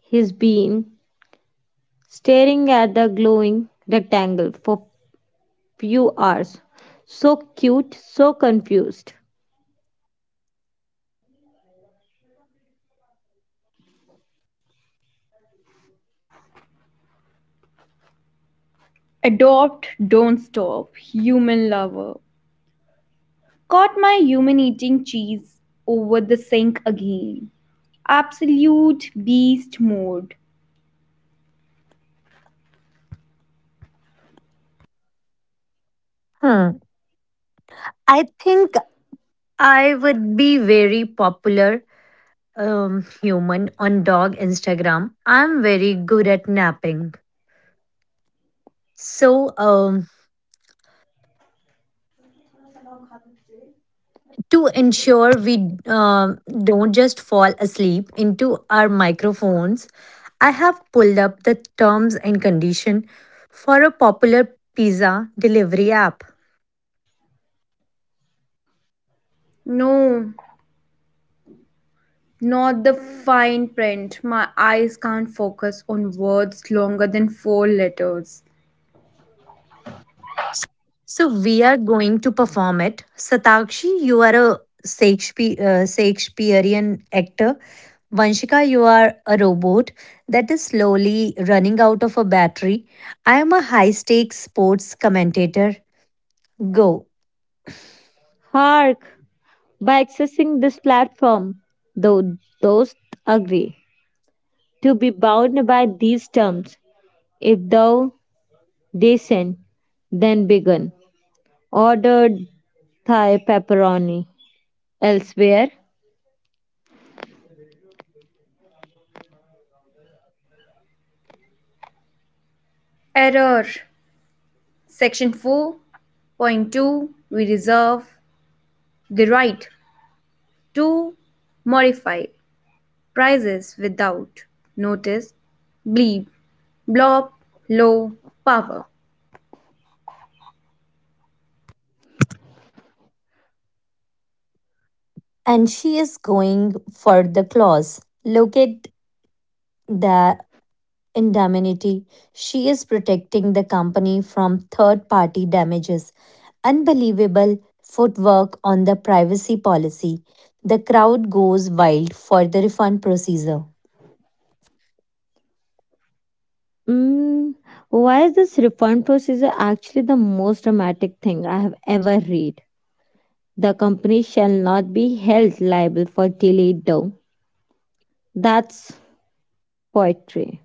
B: He's been staring at the glowing rectangle for few hours. So cute, so confused.
C: Adopt, don't stop. Human lover. Caught my human eating cheese over the sink again. Absolute beast mode.
A: Hmm. I think I would be very popular um, human on dog Instagram. I'm very good at napping. So, um, to ensure we uh, don't just fall asleep into our microphones, I have pulled up the terms and condition for a popular pizza delivery app.
C: No, not the fine print. My eyes can't focus on words longer than four letters.
A: So, we are going to perform it. Satakshi, you are a Shakespeare, uh, Shakespearean actor. Vanshika, you are a robot that is slowly running out of a battery. I am a high stakes sports commentator. Go.
B: Hark! By accessing this platform, thou dost agree to be bound by these terms. If thou descend, then begin. Ordered thigh pepperoni. Elsewhere,
C: Error. Section four point two. We reserve the right to modify prices without notice, bleep, blob, low, power.
A: And she is going for the claws. Look at the indemnity. She is protecting the company from third party damages. Unbelievable footwork on the privacy policy. The crowd goes wild for the refund procedure.
B: mm, why is this refund procedure actually the most dramatic thing I have ever read? The company shall not be held liable for delayed dough. That's poetry.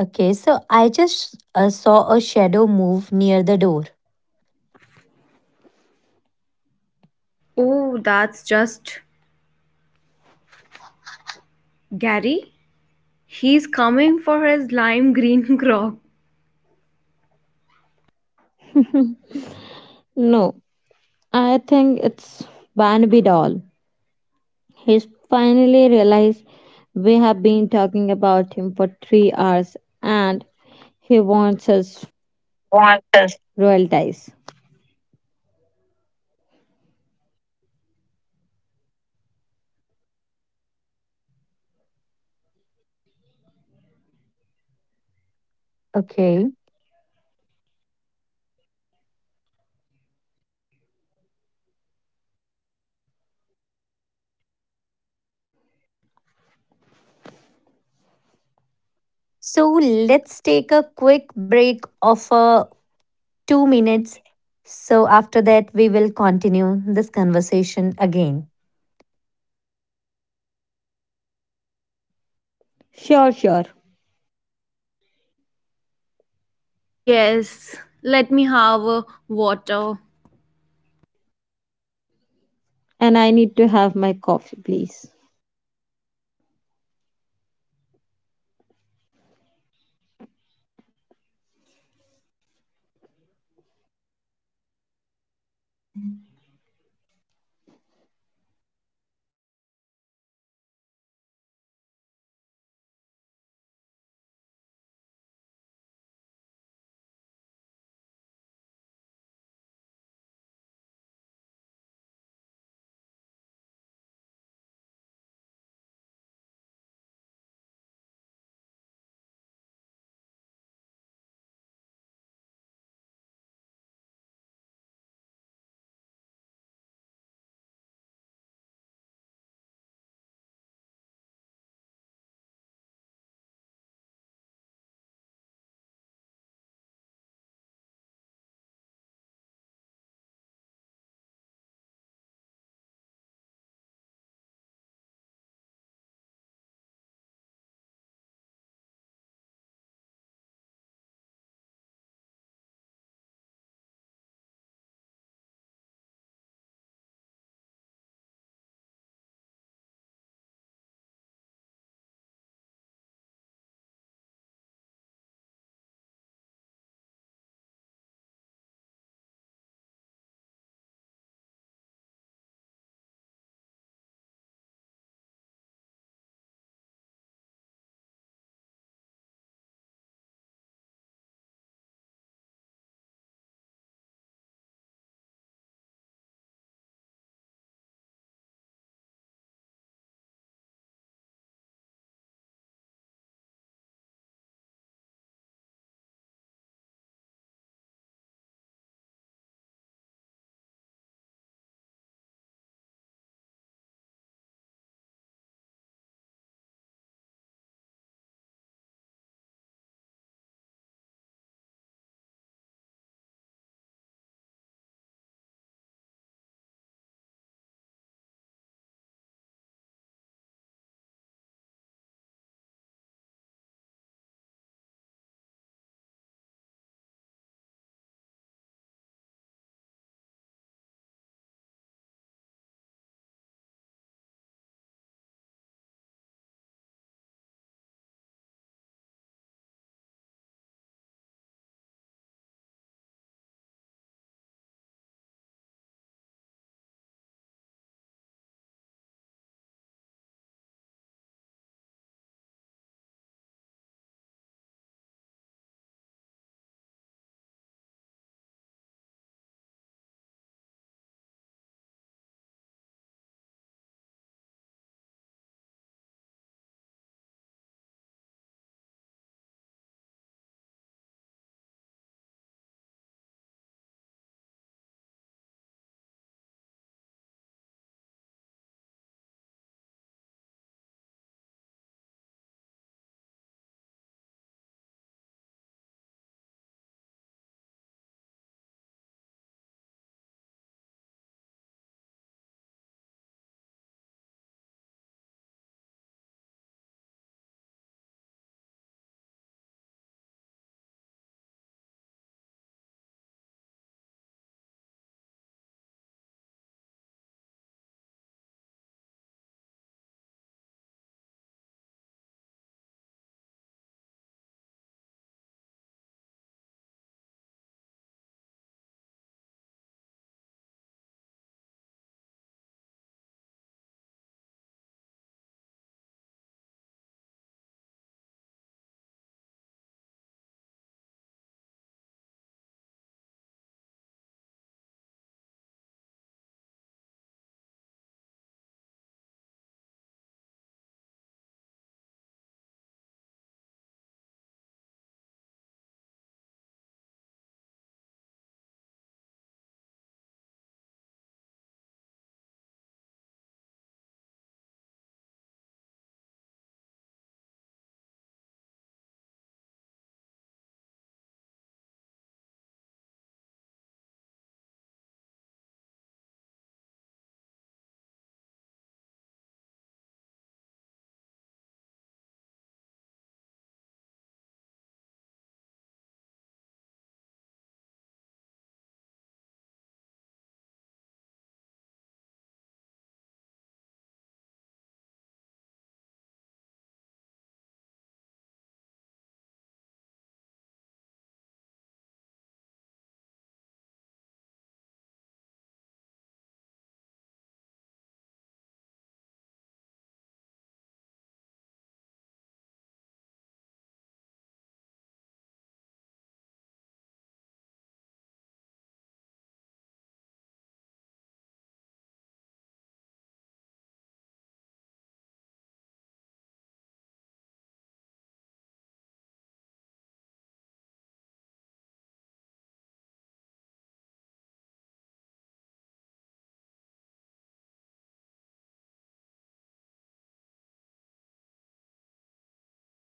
A: Okay, so I just uh, saw a shadow move near the door.
C: Oh, that's just Gary. He's coming for his lime green grog.
B: No, I think it's Banbidal. He's finally realized we have been talking about him for three hours and he wants us royalties.
A: Okay. So let's take a quick break of a two minutes. So, after that, we will continue this conversation again.
B: Sure, sure.
C: Yes, let me have a water.
B: And I need to have my coffee, please.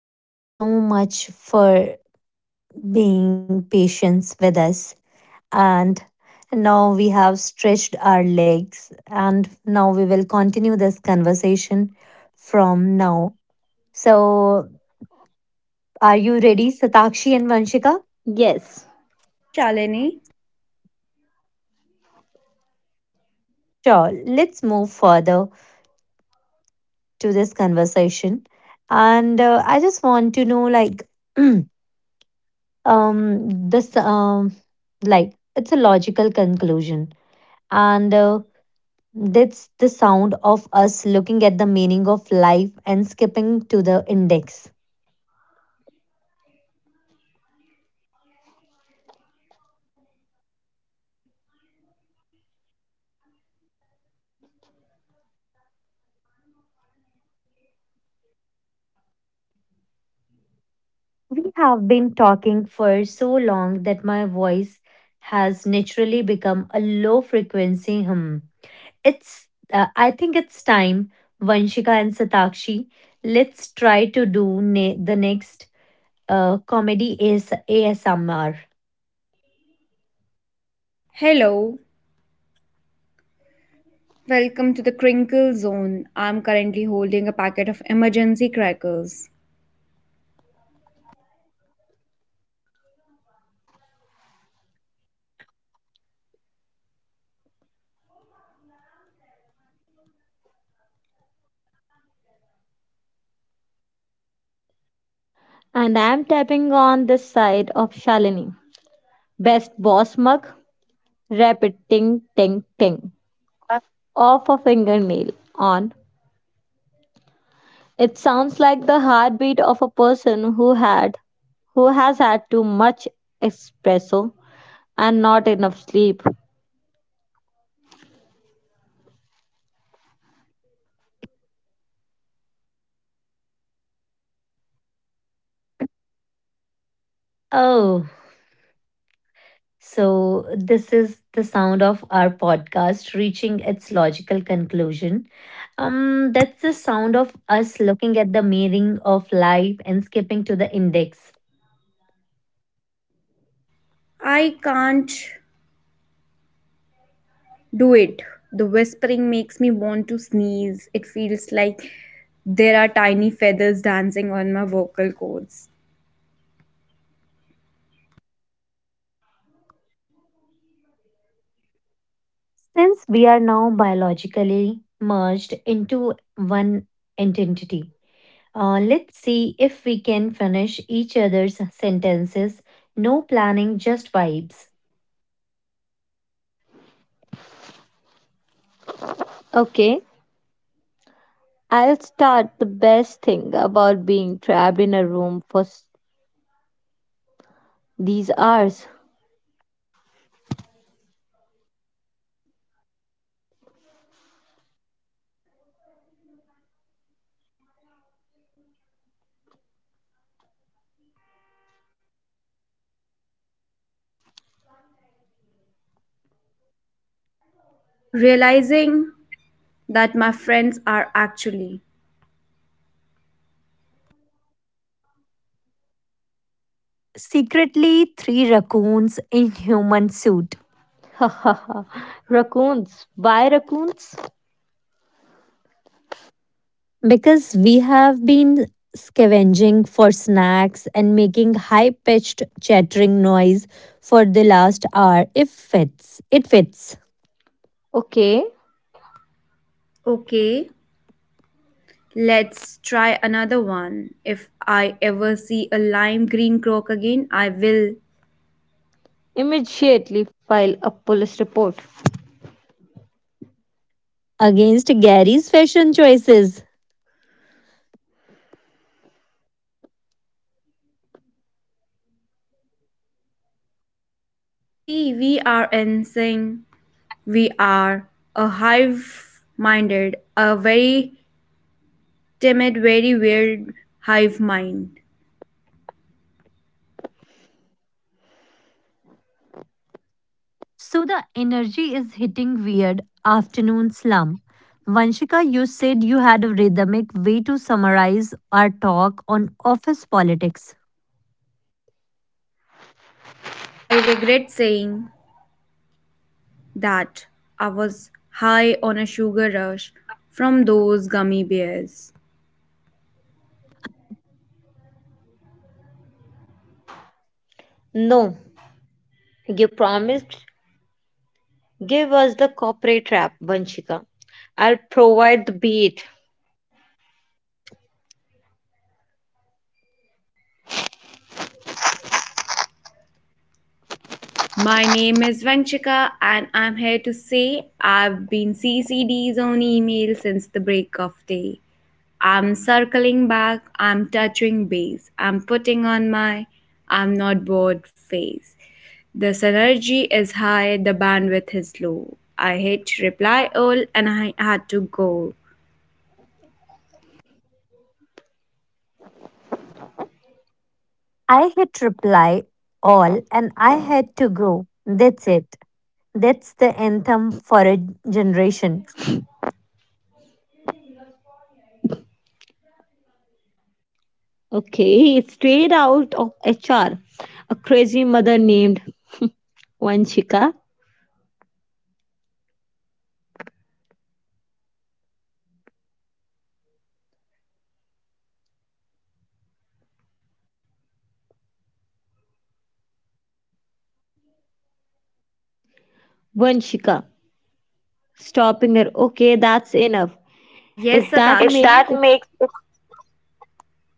A: Thank you so much for being patient with us. And now we have stretched our legs, and now we will continue this conversation from now. So, are you ready, Satakshi and Vanshika?
B: Yes.
C: Yes, Shalini.
A: Sure, let's move further to this conversation. And uh, I just want to know like, um this um like it's a logical conclusion and uh, that's the sound of us looking at the meaning of life and skipping to the index. We have been talking for so long that my voice has naturally become a low frequency hum. It's uh, I think it's time, vanshika and satakshi, let's try to do ne- the next uh, comedy is asmr.
C: Hello. Welcome to the crinkle zone. I'm currently holding a packet of emergency crackers.
B: And I'm tapping on the side of Shalini. Best boss mug. Rapid ting ting ting of a fingernail on. It sounds like the heartbeat of a person who had who has had too much espresso and not enough sleep.
A: Oh, so, this is the sound of our podcast reaching its logical conclusion. Um, that's the sound of us looking at the meaning of life and skipping to the index.
C: I can't do it. The whispering makes me want to sneeze. It feels like there are tiny feathers dancing on my vocal cords.
A: Since we are now biologically merged into one entity, uh, let's see if we can finish each other's sentences. No planning, just vibes.
B: Okay, I'll start the best thing about being trapped in a room for s- these hours.
C: Realizing that my friends are actually
A: Secretly, three raccoons in human suit.
B: Ha ha ha. Raccoons. Why raccoons?
A: Because we have been scavenging for snacks and making high pitched chattering noise for the last hour. If fits. It fits.
B: Okay,
C: okay. okay Let's try another one. If I ever see a lime green croak again, I will.
B: immediately file a police report.
A: Against Gary's fashion choices.
C: See, we are in We are a hive minded, a very timid, very weird hive mind.
A: So the energy is hitting weird afternoon slump. Vanshika, you said you had a rhythmic way to summarize our talk on office politics.
C: I regret saying that I was high on a sugar rush from those gummy bears.
B: No, you promised. Give us the corporate rap, Vanshika. I'll provide the beat.
C: My name is Vanchika, and I'm here to say I've been C C D's on email since the break of day. I'm circling back, I'm touching base, I'm putting on my I'm not bored face. The synergy is high, the bandwidth is low. I hit reply all and I had to go.
A: I hit reply all and I had to go. That's it. That's the anthem for a generation.
B: Okay, it's straight out of H R. A crazy mother named Vanshika. Vanshika. Stopping her. Okay, that's enough.
C: Yes,
B: If that
C: Satakshi. If
B: makes
C: that
B: it
C: makes it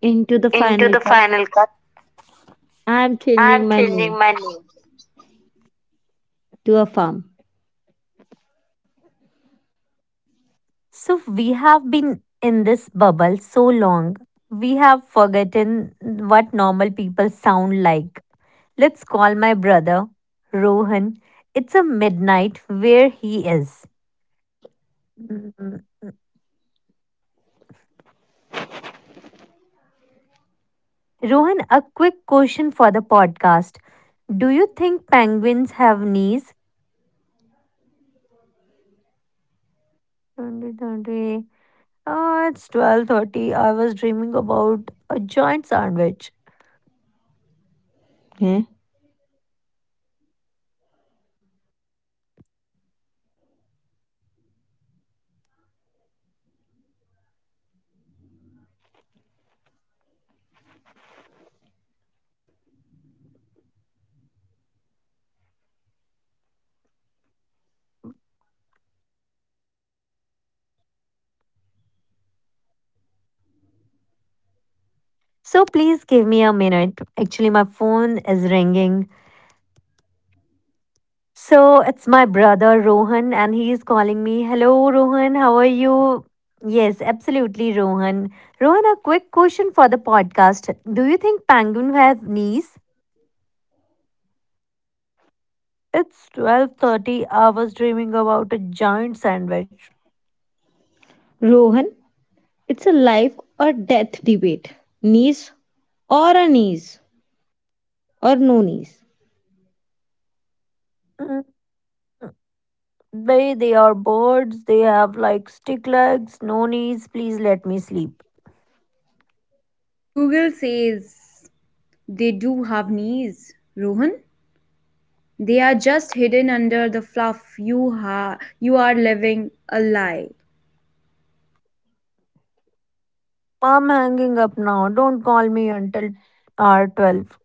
B: into the
C: into
B: final
C: the
B: cut,
C: final cut,
B: I'm
C: I'm
B: changing my
C: changing
B: name
C: my name.
B: to a farm.
A: So we have been in this bubble so long. We have forgotten what normal people sound like. Let's call my brother, Rohan. It's a midnight where he is. Mm, Rohan, a quick question for the podcast. Do you think penguins have knees? twenty twenty. Oh, it's twelve thirty. I was dreaming about a giant sandwich.
B: Eh?
A: So please give me a minute. Actually, my phone is ringing. So it's my brother Rohan, and he is calling me. Hello, Rohan, how are you? Yes, absolutely, Rohan. Rohan, a quick question for the podcast. Do you think penguins have knees? It's twelve thirty. I was dreaming about a giant sandwich.
B: Rohan, it's a life or death debate. Knees or a knees or no knees.
A: Mm, They they are birds. They have like stick legs, no knees. Please let me sleep.
C: Google says they do have knees, Rohan. They are just hidden under the fluff. You, ha- you are living a lie.
A: I'm hanging up now. Don't call me until hour twelve.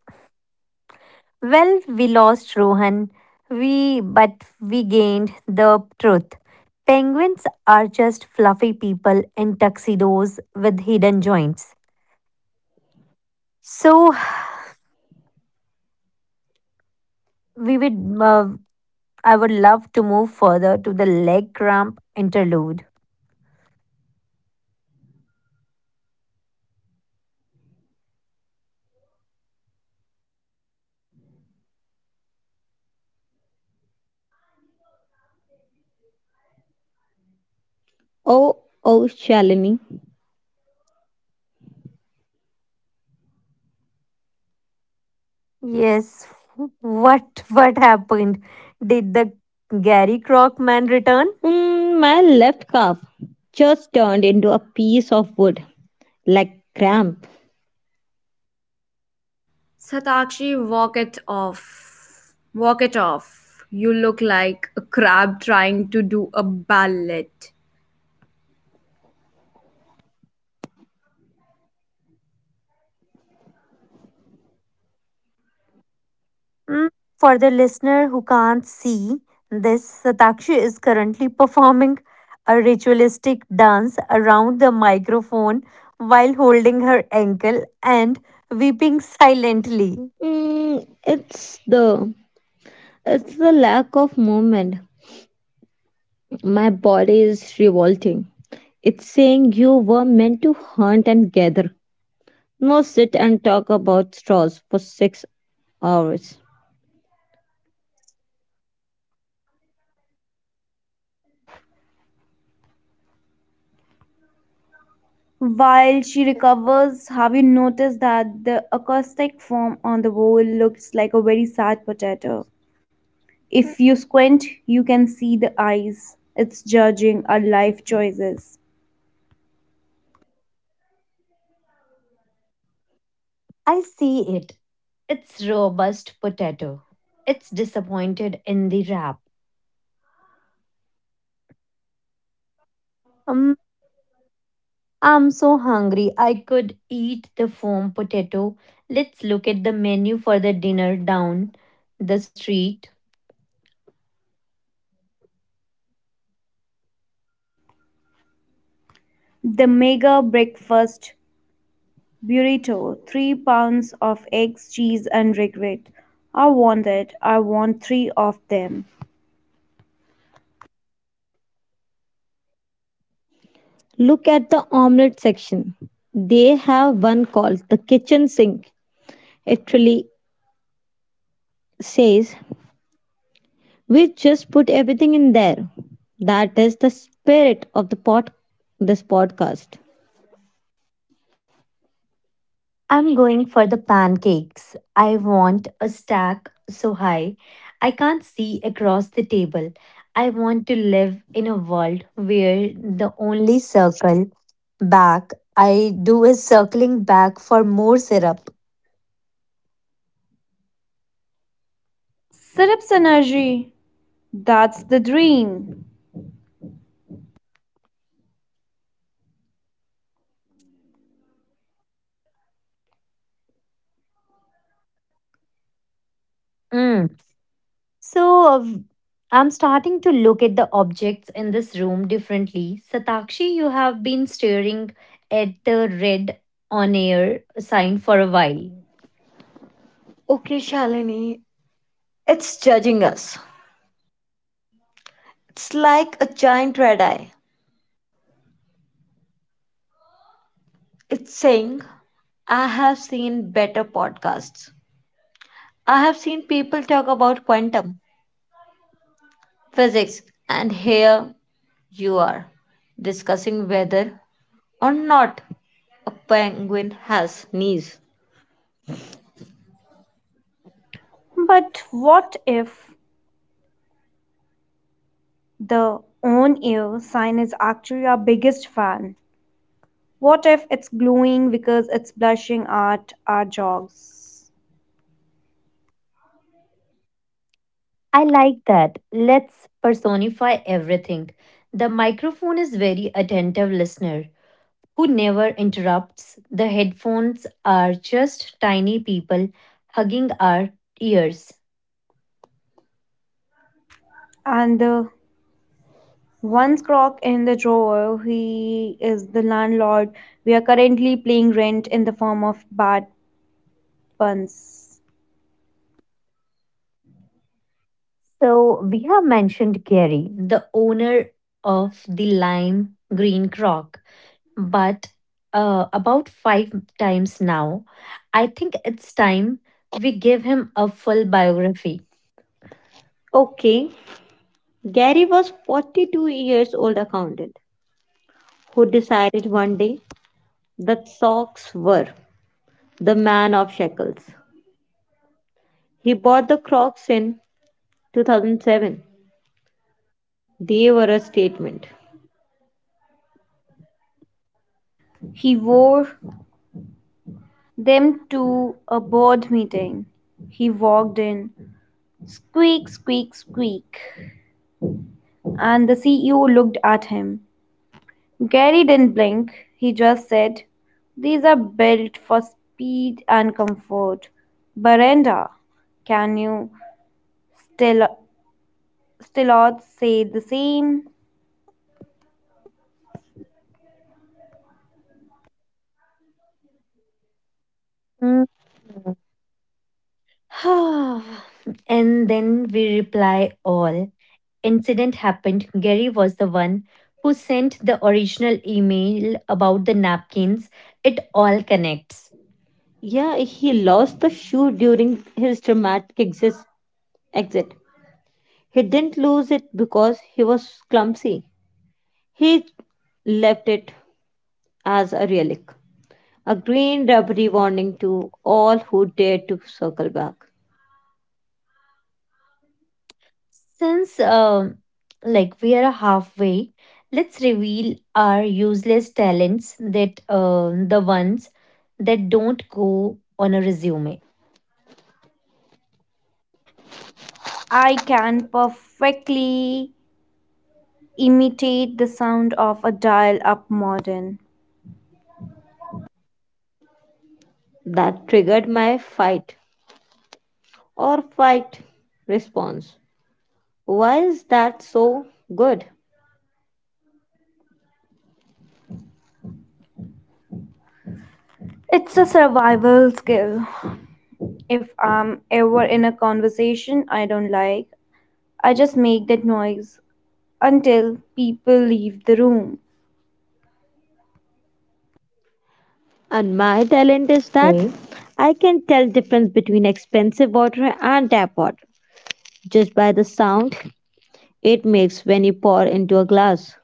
A: Well, we lost Rohan, we but we gained the truth. Penguins are just fluffy people in tuxedos with hidden joints. So we would, uh, I would love to move further to the leg cramp interlude.
B: Oh, oh, Shalini.
A: Yes, what what happened? Did the Gary Crockman return?
B: Mm, my left calf just turned into a piece of wood, like cramp.
C: Satakshi, walk it off. Walk it off. You look like a crab trying to do a ballet.
A: Mm, for the listener who can't see this, Satakshi is currently performing a ritualistic dance around the microphone while holding her ankle and weeping silently.
B: Mm, it's the it's the lack of movement. My body is revolting. It's saying you were meant to hunt and gather, not sit and talk about straws for six hours.
C: While she recovers, have you noticed that the acoustic form on the wall looks like a very sad potato? If you squint, you can see the eyes. It's judging our life choices.
A: I see it. It's robust potato. It's disappointed in the wrap. Um, I'm so hungry. I could eat the foam potato. Let's look at the menu for the dinner down the street.
C: The mega breakfast burrito, three pounds of eggs, cheese, and regret. I want it. I want three of them.
B: Look at the omelette section. They have one called the kitchen sink. It really says we just put everything in there. That is the spirit of the pod this podcast.
A: I'm going for the pancakes. I want a stack so high I can't see across the table. I want to live in a world where the only circle back I do is circling back for more syrup.
C: Syrups energy. That's the dream.
A: Mm. So uh, I'm starting to look at the objects in this room differently. Satakshi, you have been staring at the red on air sign for a while.
B: Okay, Shalini, it's judging us. It's like a giant red eye. It's saying, I have seen better podcasts. I have seen people talk about quantum physics, and here you are discussing whether or not a penguin has knees.
C: But what if the on air sign is actually our biggest fan? What if it's glowing because it's blushing at our jogs?
A: I like that. Let's personify everything. The microphone is very attentive listener who never interrupts. The headphones are just tiny people hugging our ears.
C: And the One crock in the drawer. He is the landlord. We are currently paying rent in the form of bad puns.
A: So we have mentioned Gary, the owner of the lime green croc, but uh, about five times now, I think it's time we give him a full biography.
B: Okay. Gary was forty-two years old accountant who decided one day that socks were the man of shekels. He bought the Crocs in two thousand seven. They were a statement.
C: He wore them to a board meeting. He walked in. Squeak, squeak, squeak. And the C E O looked at him. Gary didn't blink. He just said, these are built for speed and comfort. Berenda, can you still still odds say the same?
A: Mm. And then we reply all. Incident happened. Gary was the one who sent the original email about the napkins. It all connects.
B: Yeah, he lost the shoe during his dramatic exis- exit. He didn't lose it because he was clumsy. He left it as a relic, a green rubbery warning to all who dared to circle back.
A: Since um like we are halfway, let's reveal our useless talents that uh, the ones that don't go on a resume.
C: I can perfectly imitate the sound of a dial up modem.
B: That triggered my fight or fight response. Why is that so good?
C: It's a survival skill. If I'm ever in a conversation I don't like, I just make that noise until people leave the room.
B: And my talent is that
A: Okay.
B: I can tell difference between expensive water and tap water just by the sound it makes when you pour into a glass.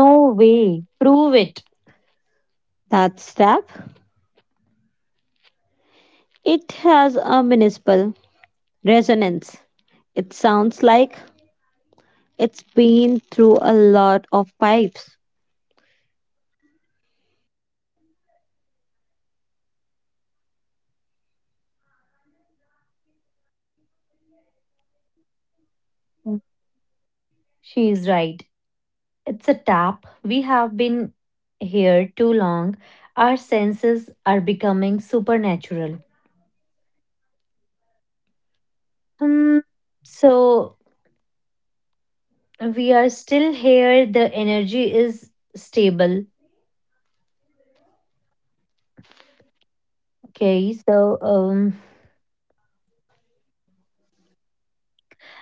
A: No way. Prove it.
B: That's tap. It has a municipal resonance. It sounds like it's been through a lot of pipes.
A: She is right. It's a tap. We have been here too long. Our senses are becoming supernatural. Hmm. So we are still here. The energy is stable. Okay. So um,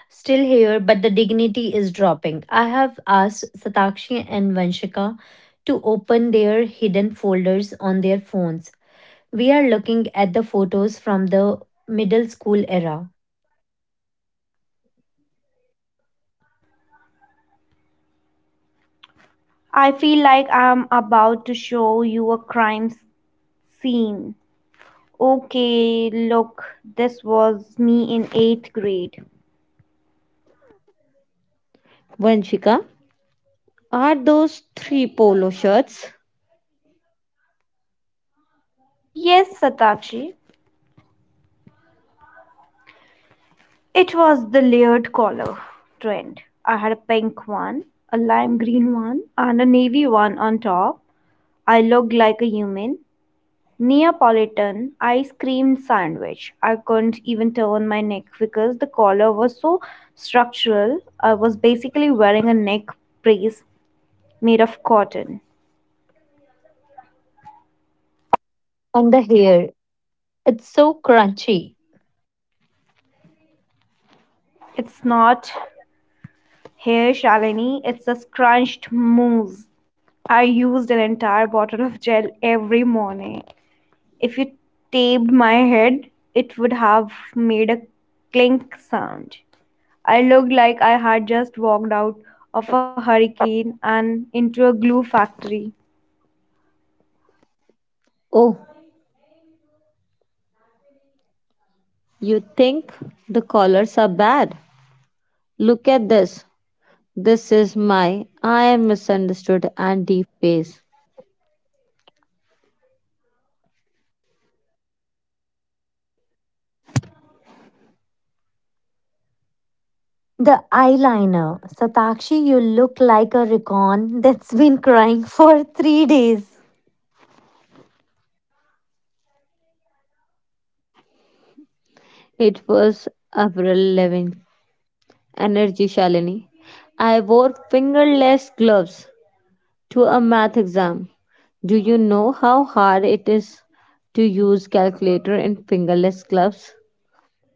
A: Still here, but the dignity is dropping. I have asked Satakshi and Vanshika to open their hidden folders on their phones. We are looking at the photos from the middle school era.
C: I feel like I'm about to show you a crime scene. Okay, look, this was me in eighth grade.
B: Vanshika, are those three polo shirts?
C: Yes, Satachi. It was the layered collar trend. I had a pink one, a lime green one, and a navy one on top. I looked like a human. Neapolitan ice cream sandwich. I couldn't even turn my neck because the collar was so structural. I was basically wearing a neck brace made of cotton.
A: On the hair, it's so crunchy.
C: It's not hair, Shalini, it's a scrunched mousse. I used an entire bottle of gel every morning. If you tapped my head, it would have made a clink sound. I looked like I had just walked out of a hurricane and into a glue factory.
B: Oh, you think the collars are bad? Look at this. This is my I am misunderstood and deep phase.
A: The eyeliner. Satakshi, you look like a recon that's been crying for three days.
B: It was April eleventh. Energy Shalini. I wore fingerless gloves to a math exam. Do you know how hard it is to use calculator in fingerless gloves?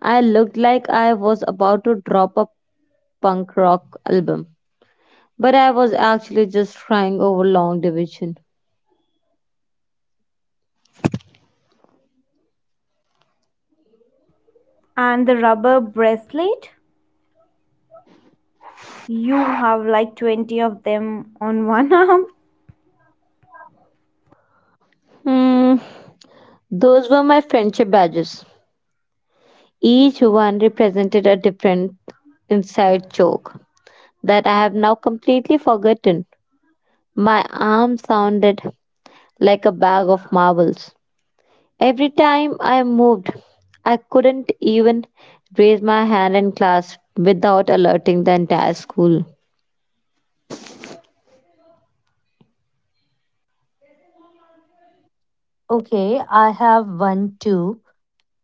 B: I looked like I was about to drop a punk rock album, but I was actually just trying over long division.
C: And the rubber bracelet? You have like twenty of them on one arm.
B: Hmm, those were my friendship badges. Each one represented a different inside joke that I have now completely forgotten. My arm sounded like a bag of marbles. Every time I moved, I couldn't even raise my hand in class without alerting the entire school.
A: Okay, I have one too.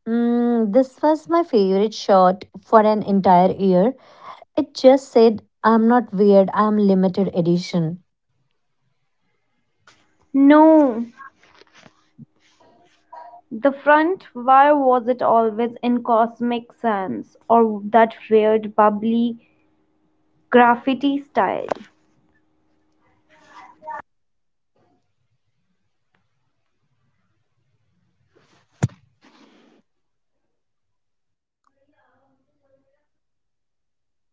A: Mm, this was my favorite shot for an entire year. It just said, I'm not weird, I'm limited edition.
C: No, the front, why was it always in cosmic sans or that weird bubbly graffiti style?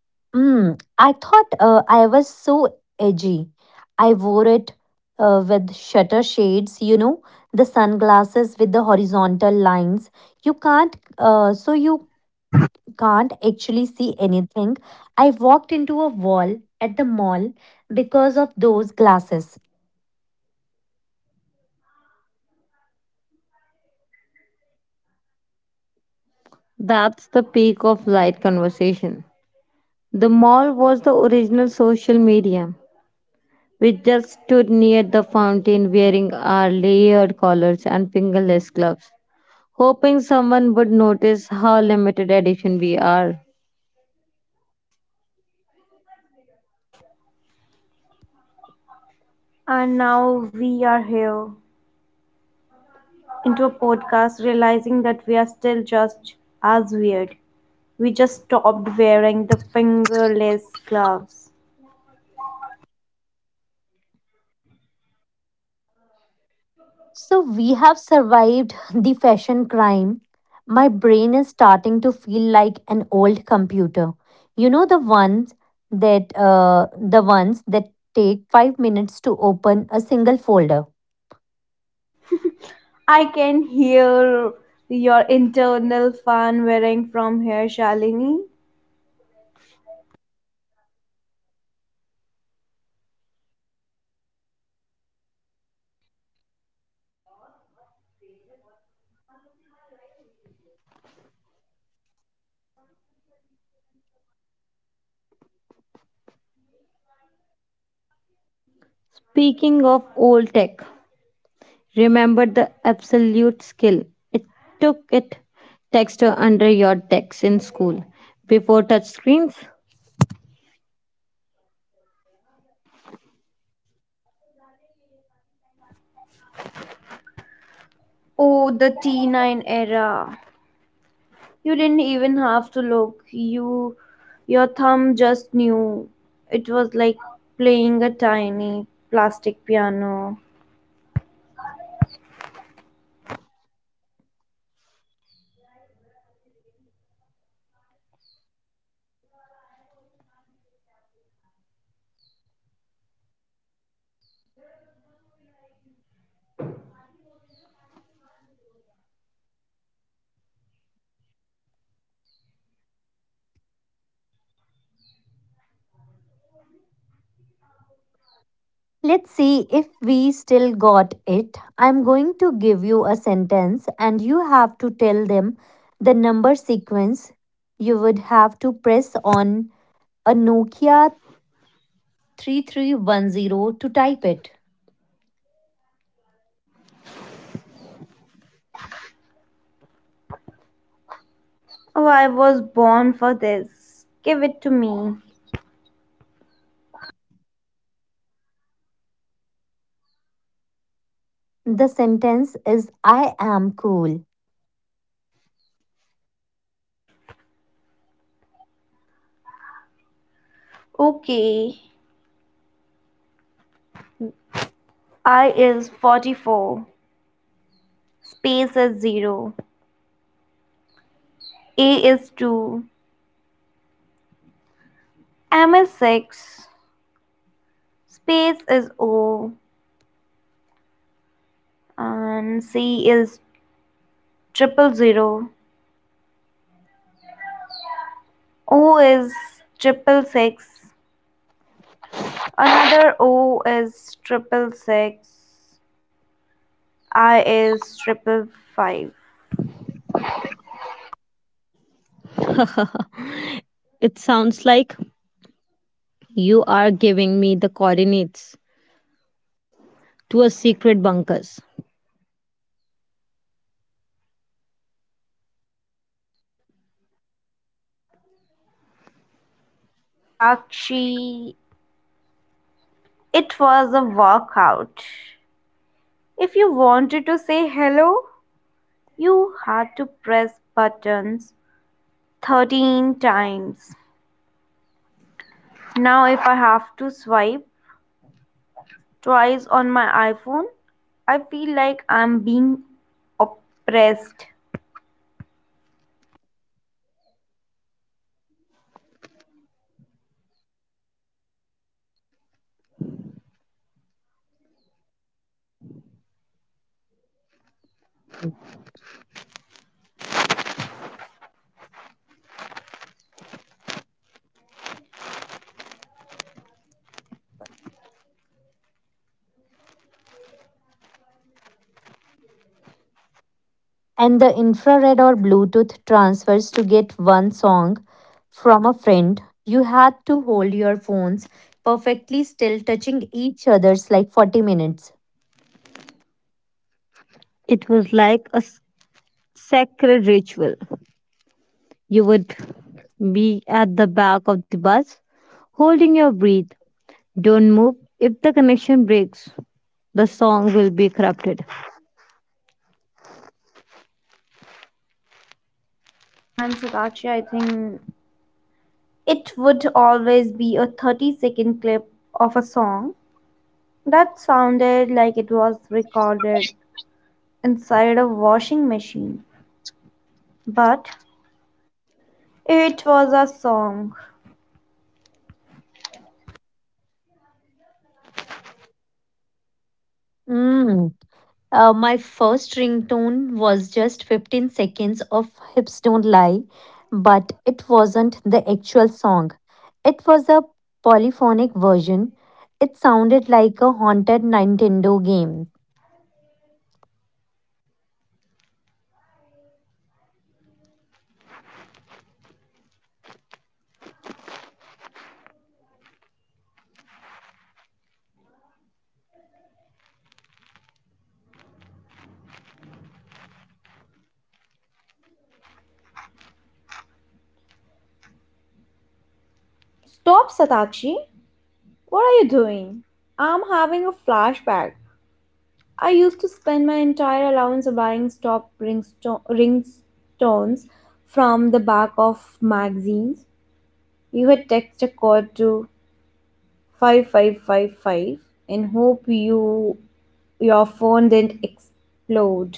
A: Mm, I thought uh, I was so edgy. I wore it uh, with shutter shades, you know, the sunglasses with the horizontal lines. You can't, uh, so you can't actually see anything. I walked into a wall at the mall because of those glasses.
B: That's the peak of light conversation. The mall was the original social media. We just stood near the fountain wearing our layered collars and fingerless gloves, hoping someone would notice how limited edition we are.
C: And now we are here into a podcast realizing that we are still just as weird. We just stopped wearing the fingerless gloves.
A: So we have survived the fashion crime. My brain is starting to feel like an old computer. You know the ones that uh, the ones that take five minutes to open a single folder.
C: I can hear your internal fan wearing from here, Shalini.
B: Speaking of old tech, remember the absolute skill it took it text to under your text in school before touchscreens.
C: Oh, the T nine era. You didn't even have to look. You your thumb just knew. It was like playing a tiny plastic piano.
A: Let's see if we still got it. I'm going to give you a sentence and you have to tell them the number sequence. You would have to press on a Nokia three three one zero to type it.
C: Oh, I was born for this. Give it to me.
A: The sentence is I am cool.
C: Okay. I is forty-four, space is zero, A is two, M is six, space is O, and C is triple zero. O is triple six, another O is triple six, I is triple five.
B: It sounds like you are giving me the coordinates to a secret bunkers.
C: Satakshi, it was a workout. If you wanted to say hello, you had to press buttons thirteen times. Now, if I have to swipe twice on my iPhone, I feel like I'm being oppressed.
A: And the infrared or Bluetooth transfers to get one song from a friend. You had to hold your phones perfectly still, touching each other's like forty minutes.
B: It was like a s- sacred ritual. You would be at the back of the bus, holding your breath. Don't move. If the connection breaks, the song will be corrupted.
C: And Satakshi, I think it would always be a thirty second clip of a song that sounded like it was recorded inside a washing machine. But it was a song.
A: Mm. Uh, my first ringtone was just fifteen seconds of Hips Don't Lie, but it wasn't the actual song. It was a polyphonic version. It sounded like a haunted Nintendo game.
C: Stop, Satakshi. What are you doing? I'm having a flashback. I used to spend my entire allowance buying stop ringsto- ringtones from the back of magazines. You had text a code to five five five five and hope you your phone didn't explode.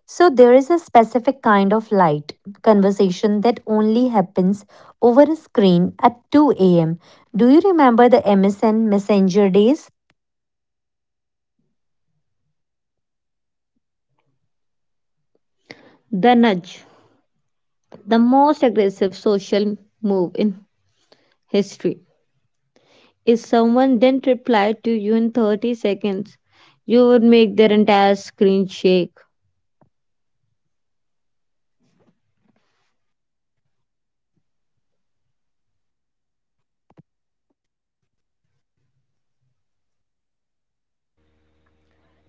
A: So, there is a specific kind of light conversation that only happens over a screen at two a m. Do you remember the M S N Messenger days?
B: The nudge, the most aggressive social move in history. If someone didn't reply to you in thirty seconds, you would make their entire screen shake.
C: And the status codes.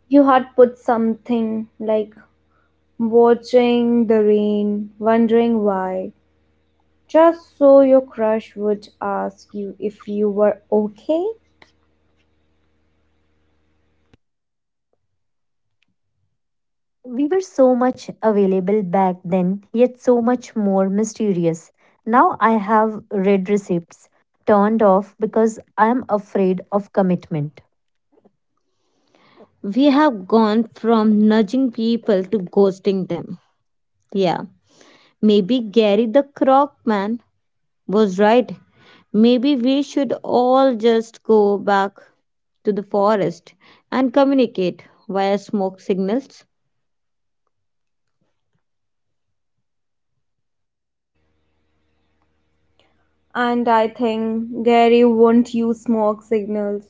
C: You had put something like watching the rain, wondering why, just so your crush would ask you if you were okay.
A: We were so much available back then, yet so much more mysterious. Now I have read receipts turned off because I am afraid of commitment.
B: We have gone from nudging people to ghosting them. Yeah, maybe Gary the Croc Man was right. Maybe we should all just go back to the forest and communicate via smoke signals.
C: And I think Gary won't use smoke signals.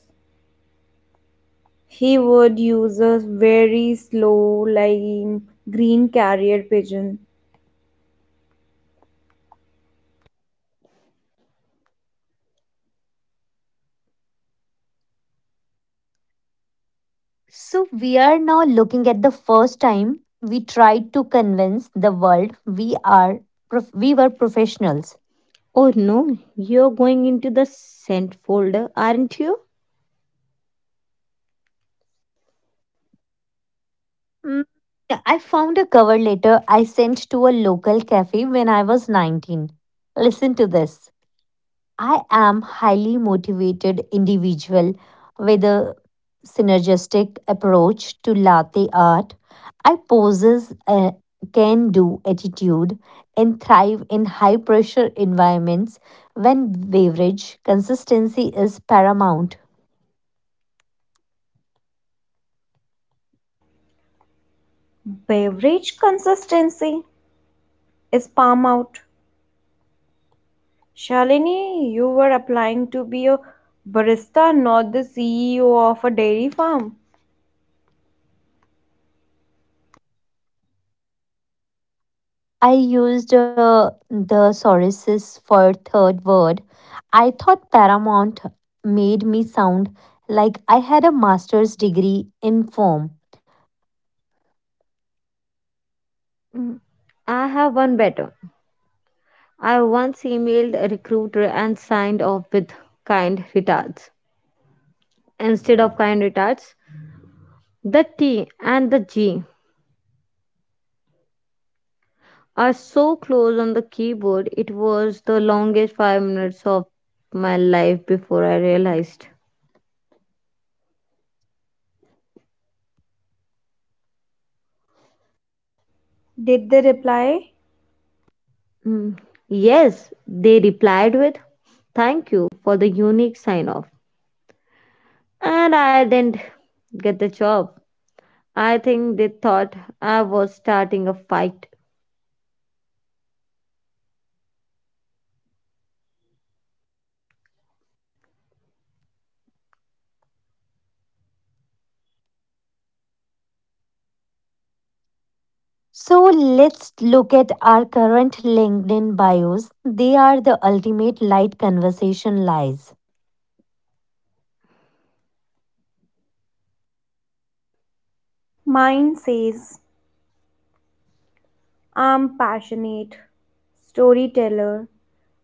C: He would use a very slow, lime green carrier pigeon.
A: So we are now looking at the first time we tried to convince the world we are prof- we were professionals.
B: Oh no, you're going into the sent folder, aren't you?
A: Mm, yeah, I found a cover letter I sent to a local cafe when I was nineteen. Listen to this. I am highly motivated individual with a synergistic approach to latte art. I possess a can-do attitude and thrive in high-pressure environments when beverage consistency is paramount.
C: Beverage consistency is palm out. Shalini, you were applying to be a barista, not the C E O of a dairy farm.
A: I used uh, the sources for third word. I thought Paramount made me sound like I had a master's degree in form.
B: I have one better. I once emailed a recruiter and signed off with kind retards. Instead of kind retards, the T and the G are so close on the keyboard, it was the longest five minutes of my life before I realized.
C: Did they reply?
B: Mm, yes, they replied with, thank you for the unique sign off. And I didn't get the job. I think they thought I was starting a fight.
A: So let's look at our current LinkedIn bios. They are the ultimate light conversation lies.
C: Mine says I'm passionate, storyteller,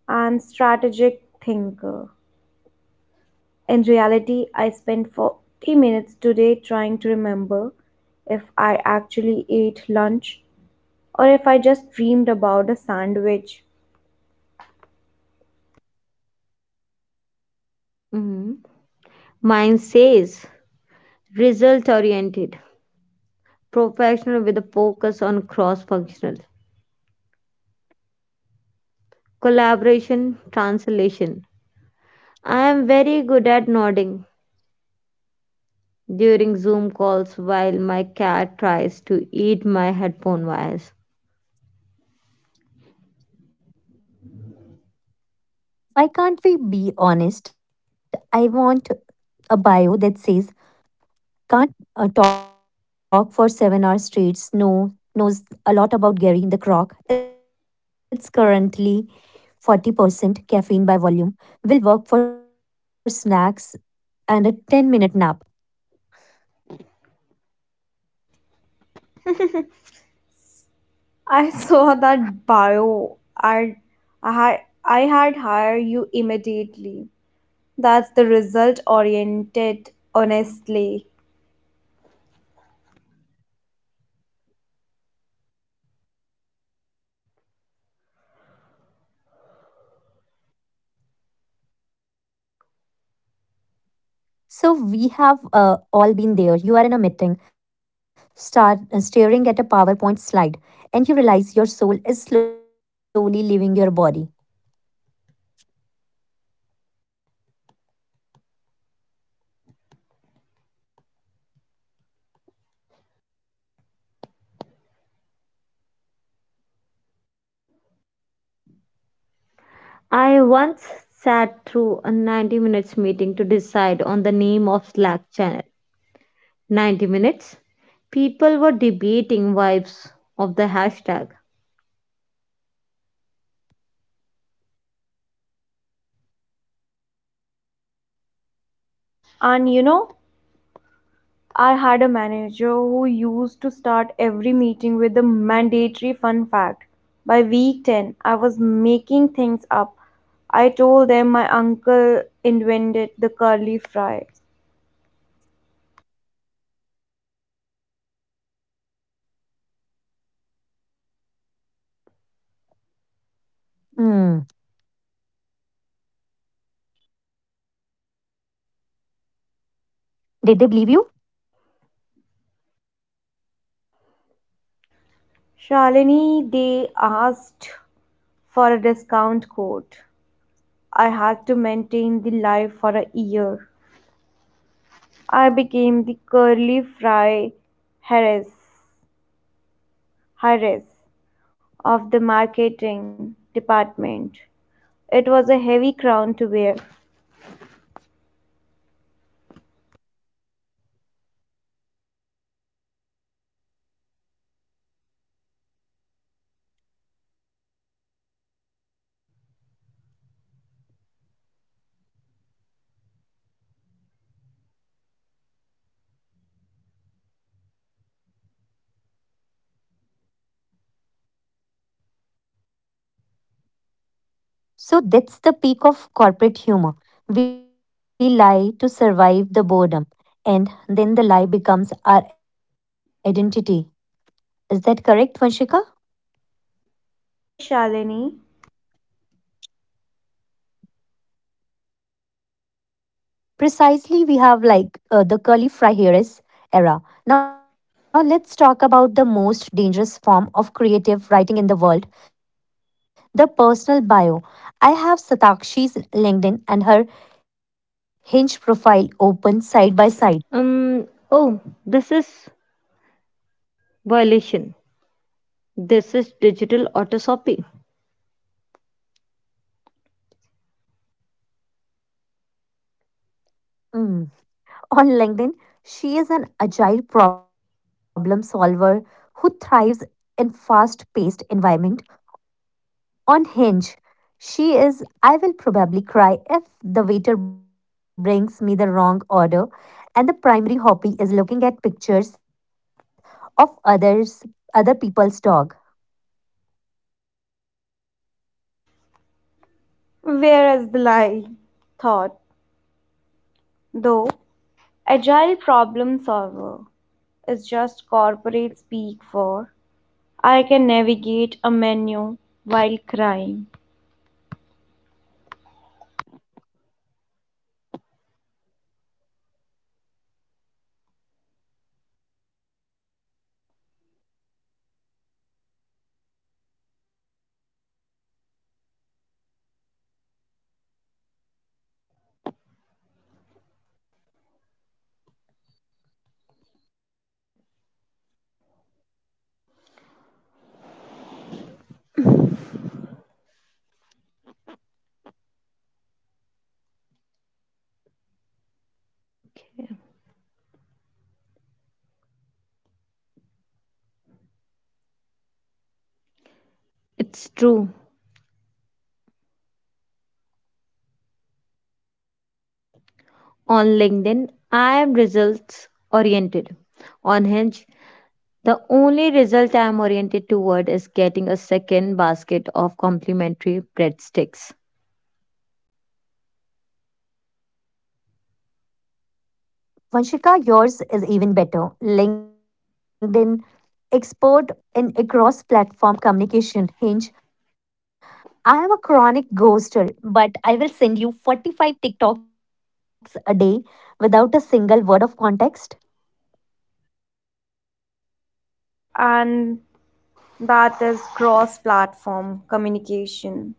C: and strategic thinker. In reality, I spent forty minutes today trying to remember if I actually ate lunch or if I just dreamed about a sandwich.
B: Mhm. Mine says result oriented, professional with a focus on cross functional, collaboration, translation. I am very good at nodding during Zoom calls while my cat tries to eat my headphone wires.
A: Why can't we be honest? I want a bio that says, can't uh, talk for seven hours straight know, knows a lot about Gary the Croc. It's currently forty percent caffeine by volume, will work for snacks and a ten minute nap.
C: I saw that bio ad. I had, I had hired you immediately. That's the result oriented, honestly.
A: So we have uh, all been there. You are in a meeting, start uh, staring at a PowerPoint slide, and you realize your soul is slowly leaving your body.
B: I once sat through a ninety minutes meeting to decide on the name of Slack channel. ninety minutes? People were debating vibes of the hashtag.
C: And you know, I had a manager who used to start every meeting with a mandatory fun fact. By week ten, I was making things up. I told them my uncle invented the curly fry.
A: Hmm. Did they believe you?
C: Shalini, they asked for a discount code. I had to maintain the lie for a year. I became the curly fry heiress. heiress. of the marketing department. It was a heavy crown to bear.
A: So that's the peak of corporate humor. We lie to survive the boredom. And then the lie becomes our identity. Is that correct, Vanshika?
C: Yes, Shalini,
A: Precisely, we have like uh, the curly fry hairs era. Now let's talk about the most dangerous form of creative writing in the world, the personal bio. I have Satakshi's LinkedIn and her Hinge profile open side by side.
B: Um, oh, this is violation. This is digital autosopy.
A: Mm. On LinkedIn, she is an agile problem solver who thrives in fast paced environment. On Hinge, she is I will probably cry if the waiter brings me the wrong order, and the primary hobby is looking at pictures of others other people's dog.
C: where is the lie? thought, though agile problem solver is just corporate speak for I can navigate a menu while crying.
B: It's true. On LinkedIn, I am results oriented. On Hinge, the only result I am oriented toward is getting a second basket of complimentary breadsticks.
A: Vanshika, yours is even better. LinkedIn expert in across platform communication. Hinge I am a chronic ghoster, but I will send you forty-five TikToks a day without a single word of context.
C: And that is cross platform communication.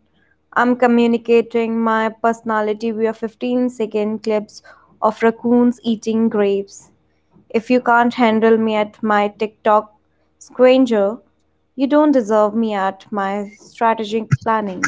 C: I'm communicating my personality via fifteen second clips of raccoons eating grapes. If you can't handle me at my tiktok stranger, you don't deserve me at my strategic planning.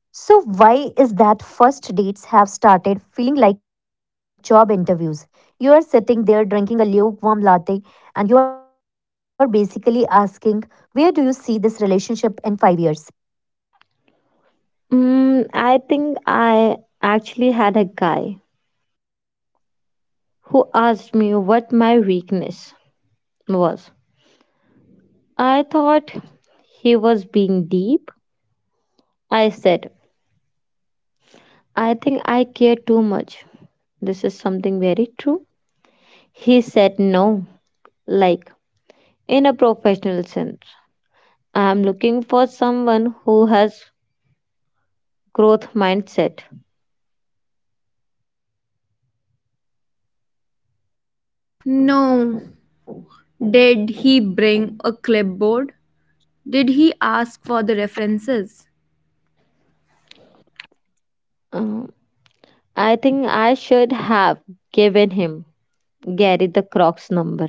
A: So, why is that first dates have started feeling like job interviews? You are sitting there drinking a lukewarm latte and you are basically asking, where do you see this relationship in five years?
B: Mm, I think I actually had a guy who asked me what my weakness was. I thought he was being deep. I said, I think I care too much. This is something very true. He said, no, like in a professional sense. I'm looking for someone who has growth mindset.
C: No. Did he bring a clipboard? Did he ask for the references?
B: Um, I think I should have given him Gary the Croc's number.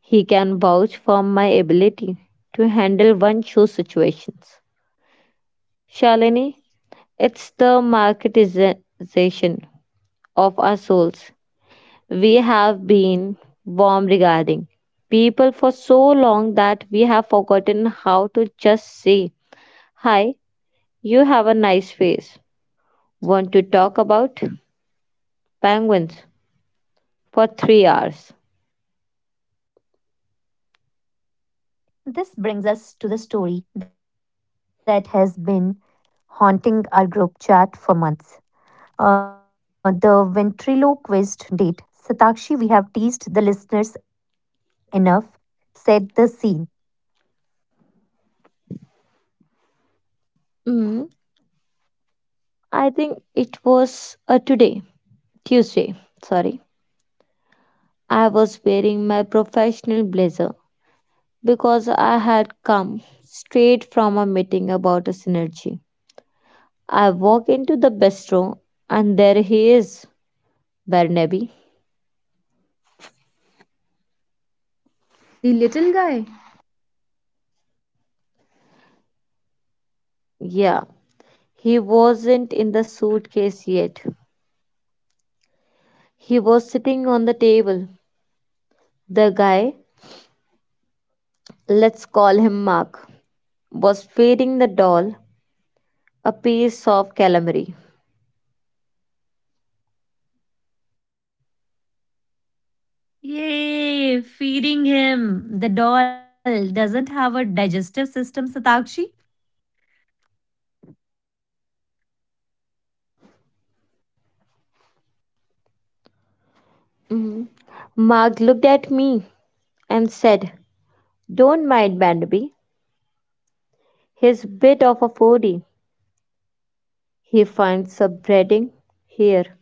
B: He can vouch for my ability to handle one show situations. Shalini, it's the marketization of our souls. We have been warm regarding people for so long that we have forgotten how to just say, hi, you have a nice face. Want to talk about penguins for three hours?
A: This brings us to the story that has been haunting our group chat for months. Uh, the ventriloquist date. Satakshi, we have teased the listeners enough, set the scene.
B: Mm, I think it was uh, today, Tuesday, sorry. I was wearing my professional blazer because I had come straight from a meeting about a synergy. I walk into the bistro and there he is, Barnaby.
C: The little guy.
B: Yeah, he wasn't in the suitcase yet. He was sitting on the table. The guy, let's call him Mark, was feeding the doll a piece of calamari.
A: Yay, feeding him. The doll doesn't have a digestive system, Satakshi.
B: Mhm. Mark looked at me and said, don't mind, Barnaby. He's a bit of a foodie. He finds subredding here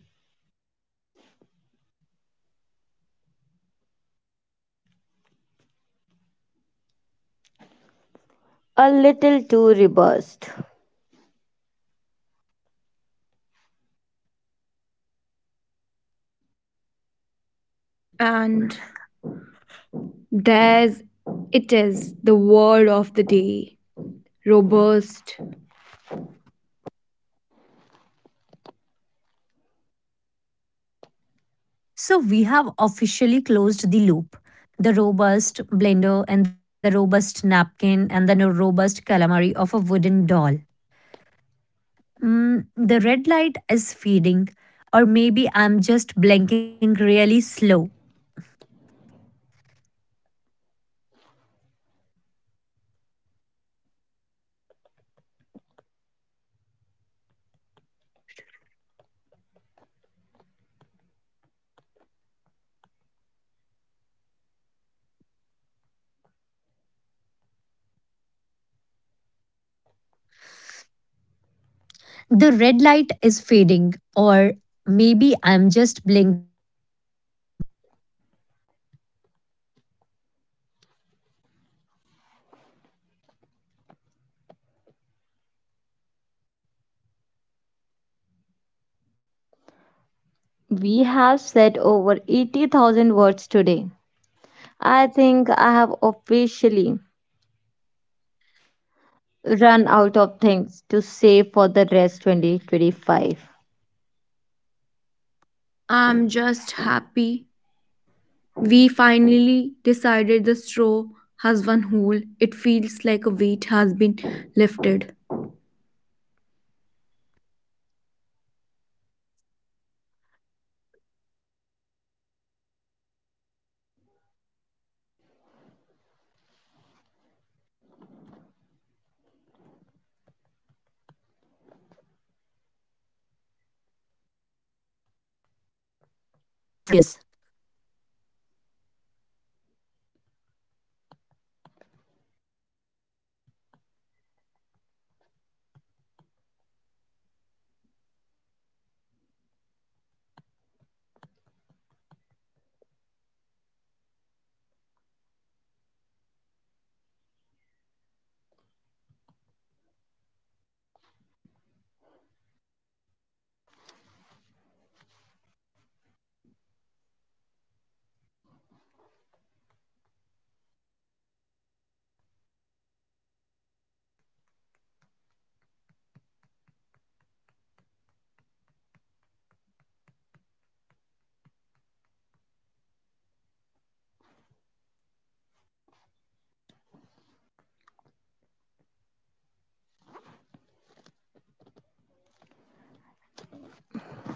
B: a little too robust.
C: And there's it is, the word of the day. Robust.
A: So we have officially closed the loop. The robust blender and the robust napkin and the no- robust calamari of a wooden doll. Mm, the red light is fading, or maybe I'm just blinking really slow. The red light is fading, or maybe I'm just blinking really slow.
B: We have said over eighty thousand words today. I think I have officially run out of things to say for the rest twenty twenty-five.
C: I'm just happy. We finally decided the straw has one hole. It feels like a weight has been lifted.
A: To our listeners, thank you for being the fourth person in this room. You have seen us at our best, our robust, and our most delirious.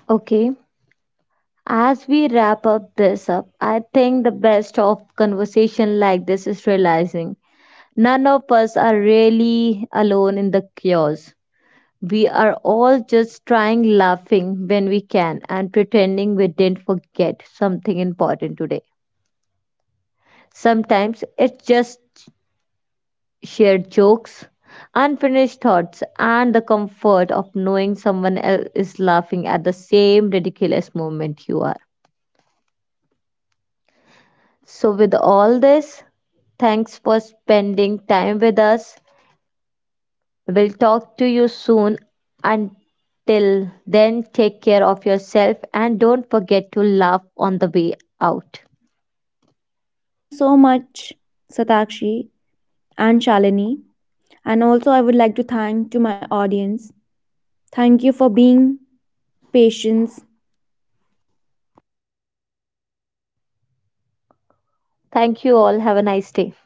B: Okay. As we wrap up this up, I think the best of conversation like this is realizing none of us are really alone in the chaos. We are all just trying laughing when we can and pretending we didn't forget something important today. Sometimes it's just shared jokes, unfinished thoughts, and the comfort of knowing someone else is laughing at the same ridiculous moment you are. So, with all this, thanks for spending time with us. We'll talk to you soon. Until then, take care of yourself and don't forget to laugh on the way out.
C: Thank you so much, Satakshi and Shalini. And also I would like to thank to my audience. Thank you for being patient
B: Thank you all. Have a nice day.